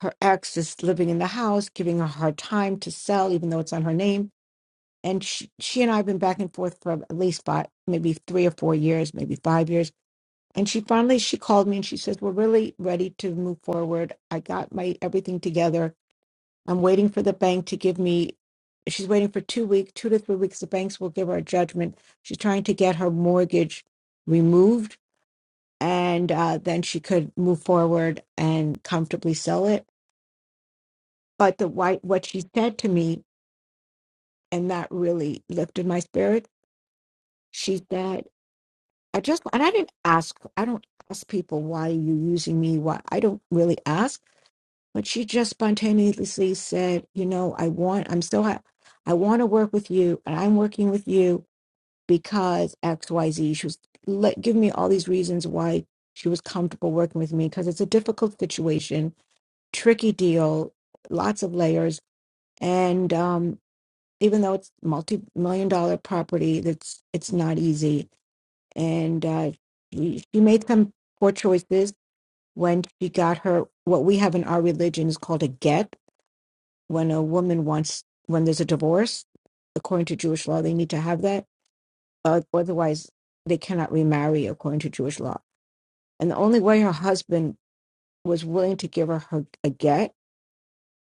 Her ex is living in the house, giving her a hard time to sell, even though it's on her name. And she, she and I have been back and forth for at least five, maybe three or four years, maybe five years. And she finally she called me and she says, "We're really ready to move forward. I got my everything together I'm waiting for the bank to give me. She's waiting for two week, two to three weeks. The banks will give her a judgment. She's trying to get her mortgage removed, and uh, then she could move forward and comfortably sell it. But the white, what she said to me, and that really lifted my spirit. She said, "I just," and I didn't ask. I don't ask people why are you using me. Why I don't really ask but she just spontaneously said, "You know, I want. I'm so. ha- I want to work with you, and I'm working with you because X, Y, Z." She was let give me all these reasons why she was comfortable working with me because it's a difficult situation, tricky deal, lots of layers, and um, even though it's multi-million dollar property, that's it's not easy. And uh, she she made some poor choices when she got her what we have in our religion is called a get when a woman wants when there's a divorce according to jewish law they need to have that uh, otherwise they cannot remarry according to jewish law and the only way her husband was willing to give her, her a get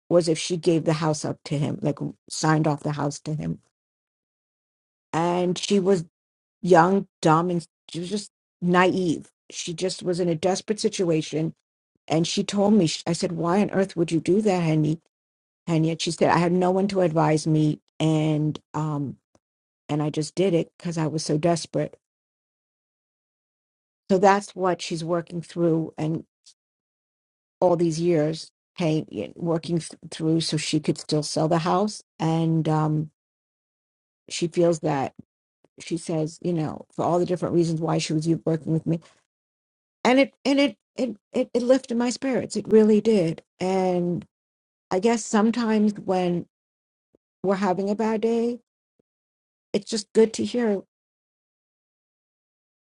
was if she gave the house up to him like signed off the house to him and she was young dumb and she was just naive she just was in a desperate situation and she told me i said why on earth would you do that Henny?" and yet she said i had no one to advise me and um and I just did it because I was so desperate. So that's what she's working through, and all these years, paying, working th- through, so she could still sell the house. And um, she feels that she says, you know, for all the different reasons why she was working with me, and it and it it it, it lifted my spirits. It really did. And I guess sometimes when we're having a bad day, it's just good to hear,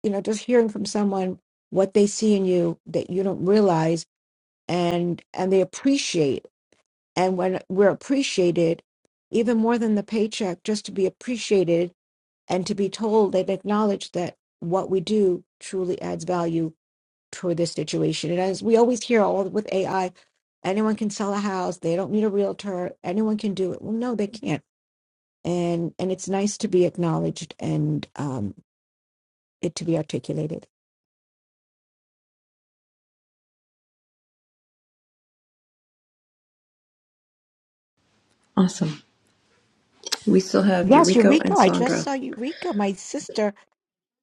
you know, just hearing from someone what they see in you that you don't realize and and they appreciate and when we're appreciated even more than the paycheck just to be appreciated and to be told they acknowledge that what we do truly adds value toward this situation and as we always hear all with ai anyone can sell a house they don't need a realtor anyone can do it well no they can't and and it's nice to be acknowledged and um it to be articulated
Awesome. We still have
yes
Eureka
eureka
and
i just
Sandra.
saw eureka my sister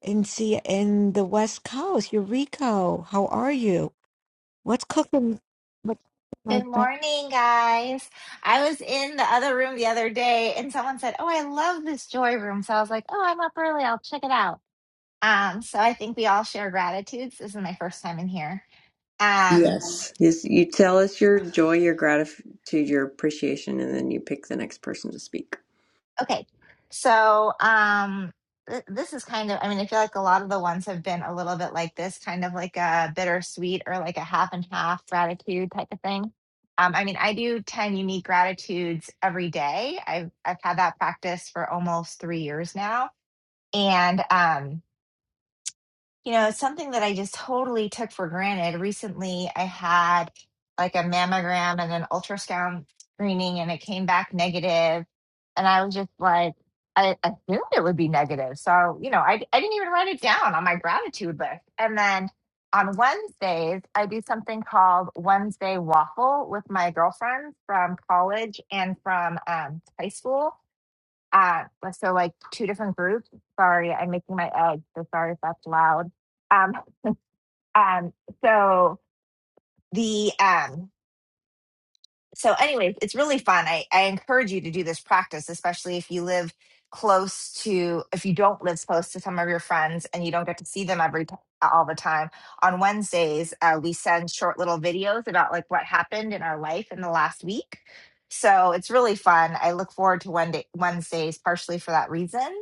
in see in the West Coast, Eureka. How are you? What's cooking?
Good
What,
morning, guys. I was in the other room the other day and someone said, Oh, I love this joy room. So I was like, Oh, I'm up early. I'll check it out. Um, so I think we all share gratitudes. This is my first time in here. Um,
Yes. Yes, You tell us your joy, your gratitude, your appreciation, and then you pick the next person to speak.
okay. So um, th- this is kind of, I mean, I feel like a lot of the ones have been a little bit like this, kind of like a bittersweet or like a half and half gratitude type of thing. Um, I mean, I do 10 unique gratitudes every day. I've, I've had that practice for almost three years now. And, um, you know, it's something that I just totally took for granted. Recently, I had like a mammogram and an ultrasound screening, and it came back negative, negative. And I was just like, I I assumed it would be negative. So, you know, I, I didn't even write it down on my gratitude list. And then on Wednesdays, I do something called Wednesday Waffle with my girlfriends from college and from um, high school uh, so like two different groups. Sorry, I'm making my egg. So sorry if that's loud. Um, um, so the um, so anyways, it's really fun. I, I encourage you to do this practice, especially if you live close to if you don't live close to some of your friends and you don't get to see them every t- all the time. On Wednesdays, uh, we send short little videos about like what happened in our life in the last week. So it's really fun. I look forward to Wednesday, Wednesdays partially for that reason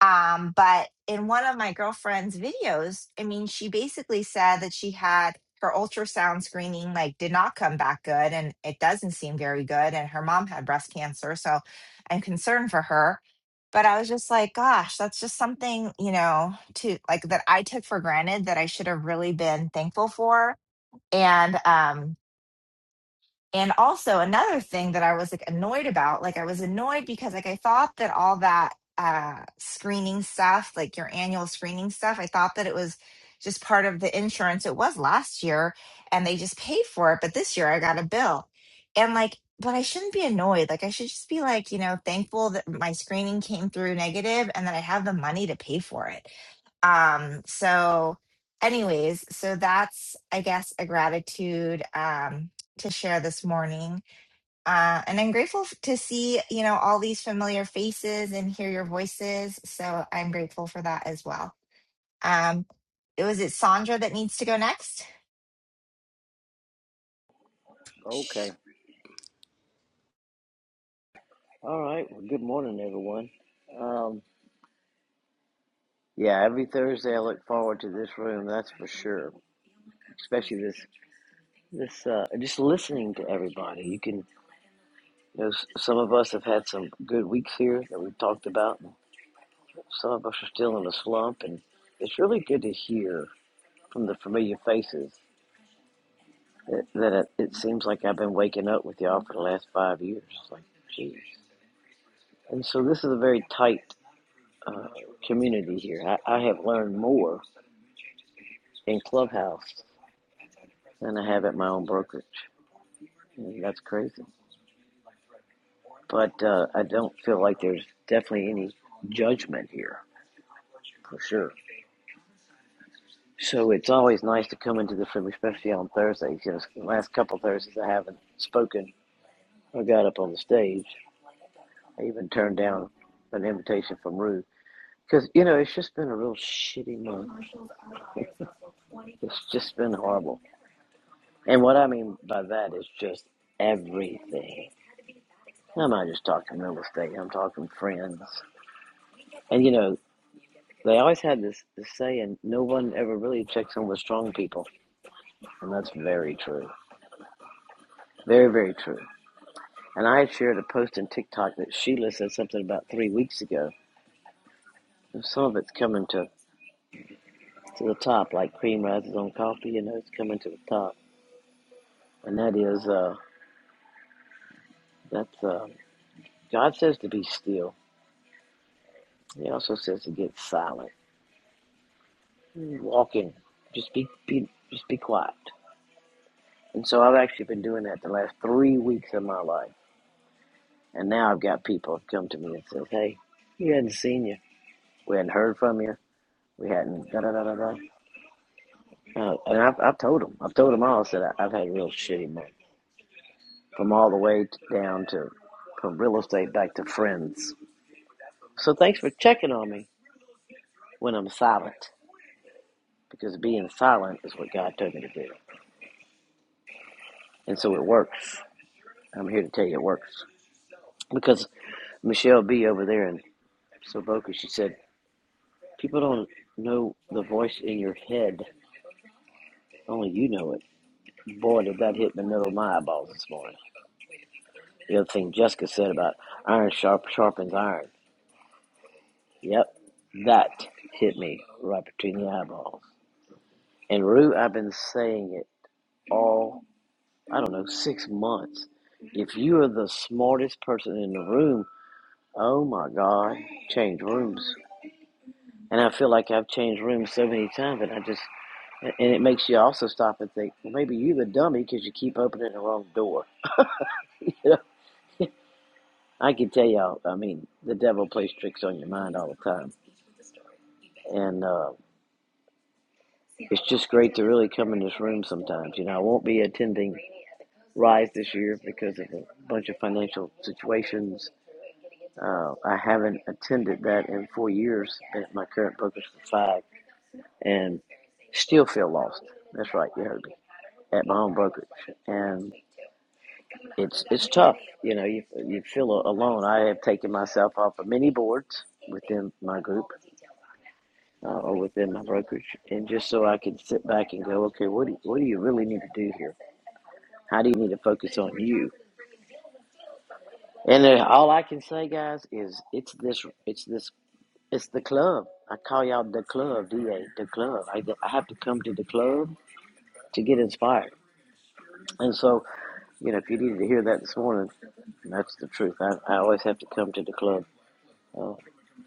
Um, but in one of my girlfriend's videos, I mean, she basically said that she had her ultrasound screening like did not come back good and it doesn't seem very good. And her mom had breast cancer. So I'm concerned for her. But I was just like, gosh, that's just something, you know, to like that I took for granted that I should have really been thankful for. And um, and also another thing that I was like annoyed about, like I was annoyed because like I thought that all that uh screening stuff, like your annual screening stuff, I thought that it was just part of the insurance. It was last year and they just paid for it, but this year I got a bill. And like but I shouldn't be annoyed. Like I should just be like, you know, thankful that my screening came through negative and that I have the money to pay for it um, so, anyways, so that's, I guess, a gratitude um, to share this morning. Uh, and I'm grateful f- to see, you know, all these familiar faces and hear your voices. So I'm grateful for that as well. Um, was it Sandra that needs to go next?
Okay. All right. Well, good morning, everyone. Um, yeah, every Thursday I look forward to this room. That's for sure. Especially this, this, uh, just listening to everybody. You can, you know, s- some of us have had some good weeks here that we've talked about. and Some of us are still in a slump, and it's really good to hear from the familiar faces that, that it, it seems like I've been waking up with y'all for the last five years. It's like, geez. And so this is a very tight uh, community here. I, I have learned more in Clubhouse than I have at my own brokerage. And that's crazy. But uh, I don't feel like there's definitely any judgment here for sure. So it's always nice to come into this room, especially on Thursdays. You know, the last couple of Thursdays I haven't spoken or got up on the stage. I even turned down an invitation from Ruth because you know it's just been a real shitty month. It's just been horrible. And what I mean by that is just everything. I'm not just talking real estate. I'm talking friends. And you know, they always had this, this saying, no one ever really checks in with strong people. And that's very true. Very, very true. And I had shared a post on TikTok that Sheila said something about three weeks ago. And some of it's coming to, to the top, like cream rises on coffee, you know, it's coming to the top. And that is, uh, that's, uh, God says to be still. He also says to get silent. Walk in. Just be, be, just be quiet. And so I've actually been doing that the last three weeks of my life And now I've got people come to me and says, "Hey, we hadn't seen you. We hadn't heard from you. We hadn't da da da da da." Uh, and I've, I've told them. I've told them all. I said I, I've had a real shitty month, from all the way down to from real estate back to friends. So thanks for checking on me when I'm silent, because being silent is what God told me to do, and so it works. I'm here to tell you it works because Michelle B over there in Soboka, she said, people don't know the voice in your head, only you know it. Boy, did that hit in the middle of my eyeballs this morning. The other thing Jessica said about iron sharp sharpens iron. Yep, that hit me right between the eyeballs. And Rue, I've been saying it all, I don't know, six months. If you are the smartest person in the room, oh my God, change rooms. And I feel like I've changed rooms so many times, and I just, and it makes you also stop and think, well, maybe you're the dummy because you keep opening the wrong door. I can tell y'all, I mean, the devil plays tricks on your mind all the time. And uh, it's just great to really come in this room sometimes. You know, I won't be attending Rise this year because of a bunch of financial situations. Uh, I haven't attended that in four years at my current focus for five and still feel lost. That's right, you heard me. At my own brokerage. And it's it's tough. You know, you you feel a- alone. I have taken myself off of many boards within my group uh, or within my brokerage, and just so I could sit back and go, okay, what do what do you really need to do here? How do you need to focus on you? And then all I can say, guys, is it's this it's this it's the club. I call y'all the club, DA, the club. I I have to come to the club to get inspired, and so. You know, if you needed to hear that this morning, that's the truth. I, I always have to come to the club uh,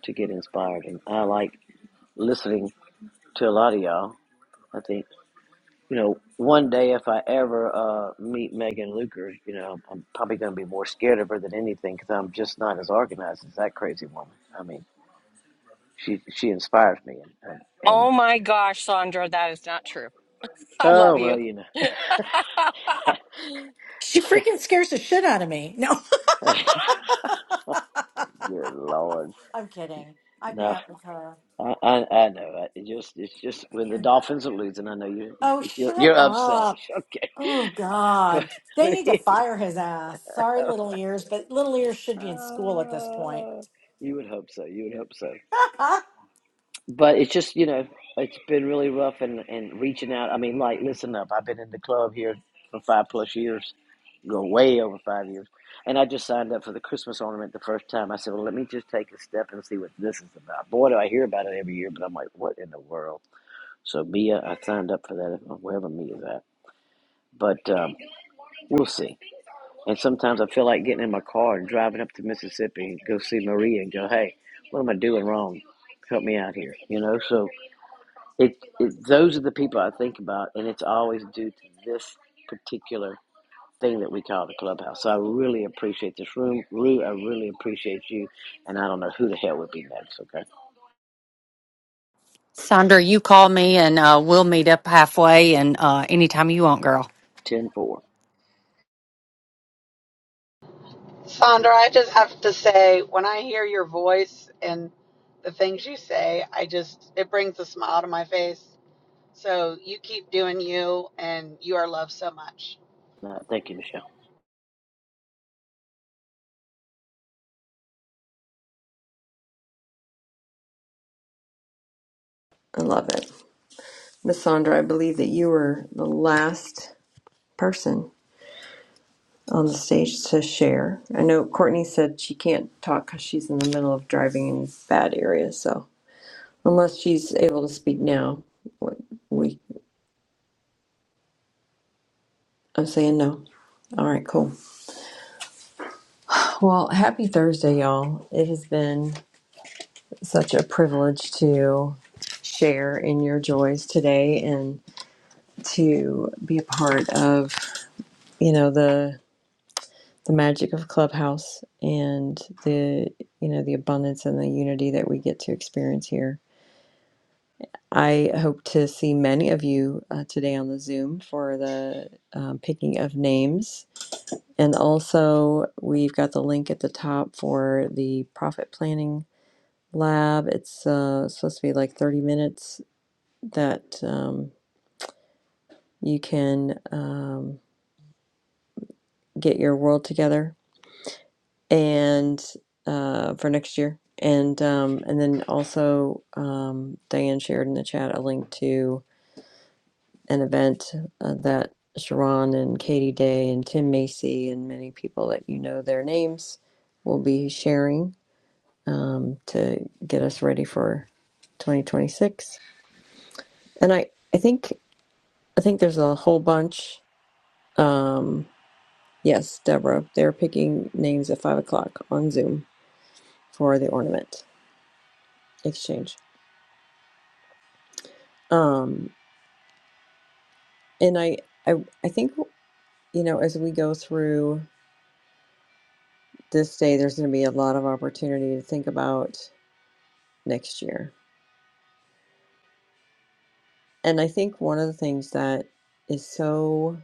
to get inspired, and I like listening to a lot of y'all. I think you know, one day if I ever uh, meet Megan Luker, you know, I'm probably going to be more scared of her than anything because I'm just not as organized as that crazy woman. I mean, she she inspires me, and and, and
Oh my gosh, Sandra, that is not true. I love
oh
you.
well, you know,
She
yeah.
freaking scares the shit out of me. No.
Good Lord.
I'm kidding. I've
No,
met with her.
I, I, I know. It just, it's just when the Dolphins are losing, I know you
Oh,
you're,
shut
you're upset.
up.
Okay,
Oh,
but,
God. They
but
need to
anyhow,
fire his ass. Sorry, little ears, but little ears should be in school at this point.
uh, you would hope so. You would hope so. But it's just, you know, it's been really rough, and and reaching out. I mean, like, listen up. I've been in the club here for five plus years, go way over five years, and I just signed up for the Christmas ornament the first time. I said, well, let me just take a step and see what this is about. Boy, do I hear about it every year, but I'm like, what in the world? So Mia, I signed up for that if- wherever meet at. But um, we'll see. And sometimes I feel like getting in my car and driving up to Mississippi and go see Maria and go, hey, what am I doing wrong? Help me out here. You know, so it, it those are the people I think about, and it's always due to this particular thing that we call the clubhouse. So I really appreciate this room. Rue, I really appreciate you, and I don't know who the hell would be next. Okay,
Sandra, you call me and uh, we'll meet up halfway and uh, anytime you want, girl.
ten four.
Sandra, I just have to say, when I hear your voice and the things you say, I just, it brings a smile to my face. So you keep doing you, and you are loved so much.
Uh, thank you, Michelle.
I love it. Miss Sandra, I believe that you were the last person on the stage to share. I know Courtney said she can't talk because she's in the middle of driving in bad areas. So unless she's able to speak now, what- we I'm saying no. All right, cool. Well, happy Thursday, y'all. It has been. such a privilege to share in your joys today and to be a part of you know the the magic of clubhouse and the you know the abundance and the unity that we get to experience here i hope to see many of you uh, today on the zoom for the um, picking of names and also we've got the link at the top for the profit planning lab it's uh, supposed to be like 30 minutes that um, you can um, get your world together and uh, for next year. And um, and then also um, Diane shared in the chat a link to an event uh, that Sharon and Katie Day and Tim Macy and many people that you know their names will be sharing um, to get us ready for 2026. And I, I think I think there's a whole bunch. Um, Yes, Deborah. They're picking names at five o'clock on Zoom for the ornament exchange. Um, and I, I, I think you know as we go through this day, there's going to be a lot of opportunity to think about next year. And I think one of the things that is so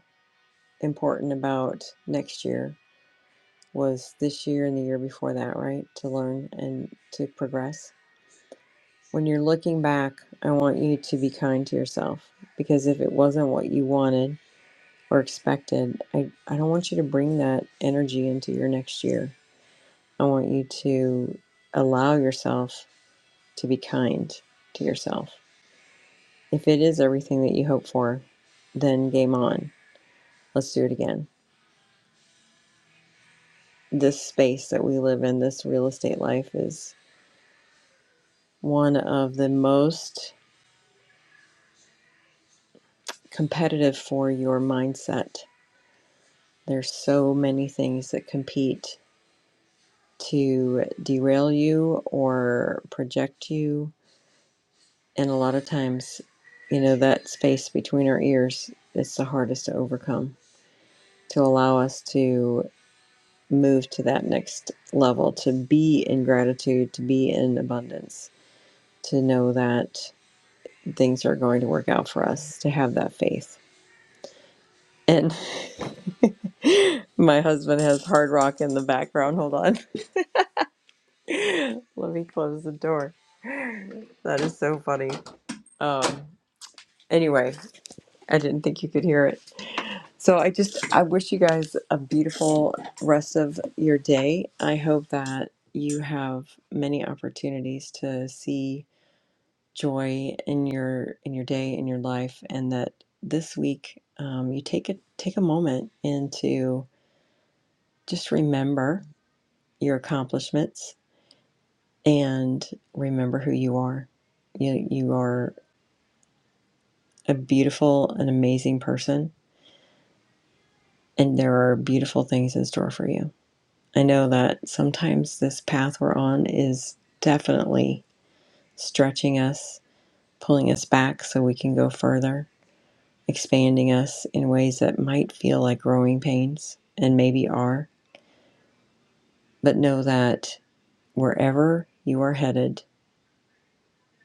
important about next year was this year and the year before that, right? To learn and to progress. When you're looking back, I want you to be kind to yourself because if it wasn't what you wanted or expected, I, I don't want you to bring that energy into your next year. I want you to allow yourself to be kind to yourself. If it is everything that you hope for, then game on. Let's do it again. This space that we live in, this real estate life, is one of the most competitive for your mindset. There's so many things that compete to derail you or project you And a lot of times, you know, that space between our ears is the hardest to overcome, to allow us to move to that next level, to be in gratitude, to be in abundance, to know that things are going to work out for us, to have that faith. And my husband has hard rock in the background. Hold on. Let me close the door. That is so funny. Um, anyway, I didn't think you could hear it. So I just I wish you guys a beautiful rest of your day. I hope that you have many opportunities to see joy in your in your day in your life, and that this week um, you take a take a moment and to just remember your accomplishments and remember who you are. You you are a beautiful and amazing person, and there are beautiful things in store for you. I know that sometimes this path we're on is definitely stretching us, pulling us back so we can go further, expanding us in ways that might feel like growing pains and maybe are. But know that wherever you are headed,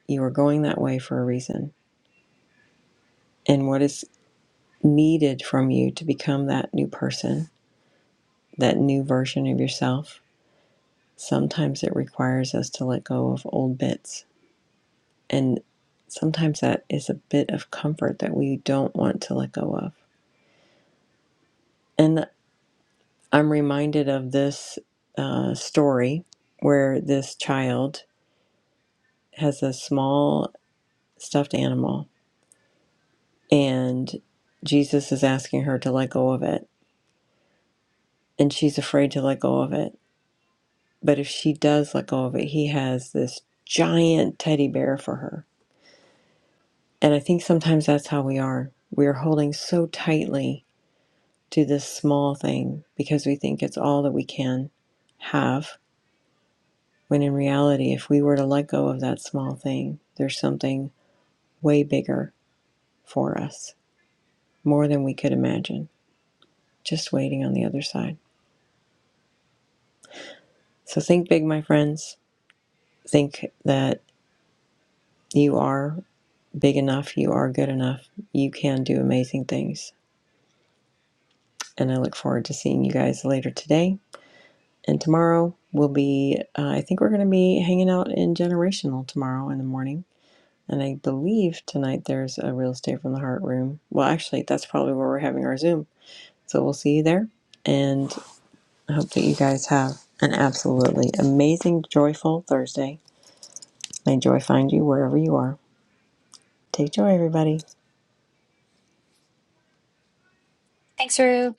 you are going that way for a reason. And what is needed from you to become that new person, that new version of yourself, sometimes it requires us to let go of old bits And sometimes that is a bit of comfort that we don't want to let go of. And I'm reminded of this uh, story where this child has a small stuffed animal and Jesus is asking her to let go of it. And she's afraid to let go of it. But if she does let go of it, he has this giant teddy bear for her. And I think sometimes that's how we are. We're holding so tightly to this small thing because we think it's all that we can have. When in reality, if we were to let go of that small thing, there's something way bigger for us, more than we could imagine, just waiting on the other side. So think big, my friends. Think that you are big enough, you are good enough, you can do amazing things. And I look forward to seeing you guys later today. And tomorrow we'll be, uh, I think we're going to be hanging out in Generational tomorrow in the morning And I believe tonight there's a real estate from the heart room. Well, actually, that's probably where we're having our Zoom. So we'll see you there. And I hope that you guys have an absolutely amazing, joyful Thursday. May joy find you wherever you are. Take joy, everybody.
Thanks, for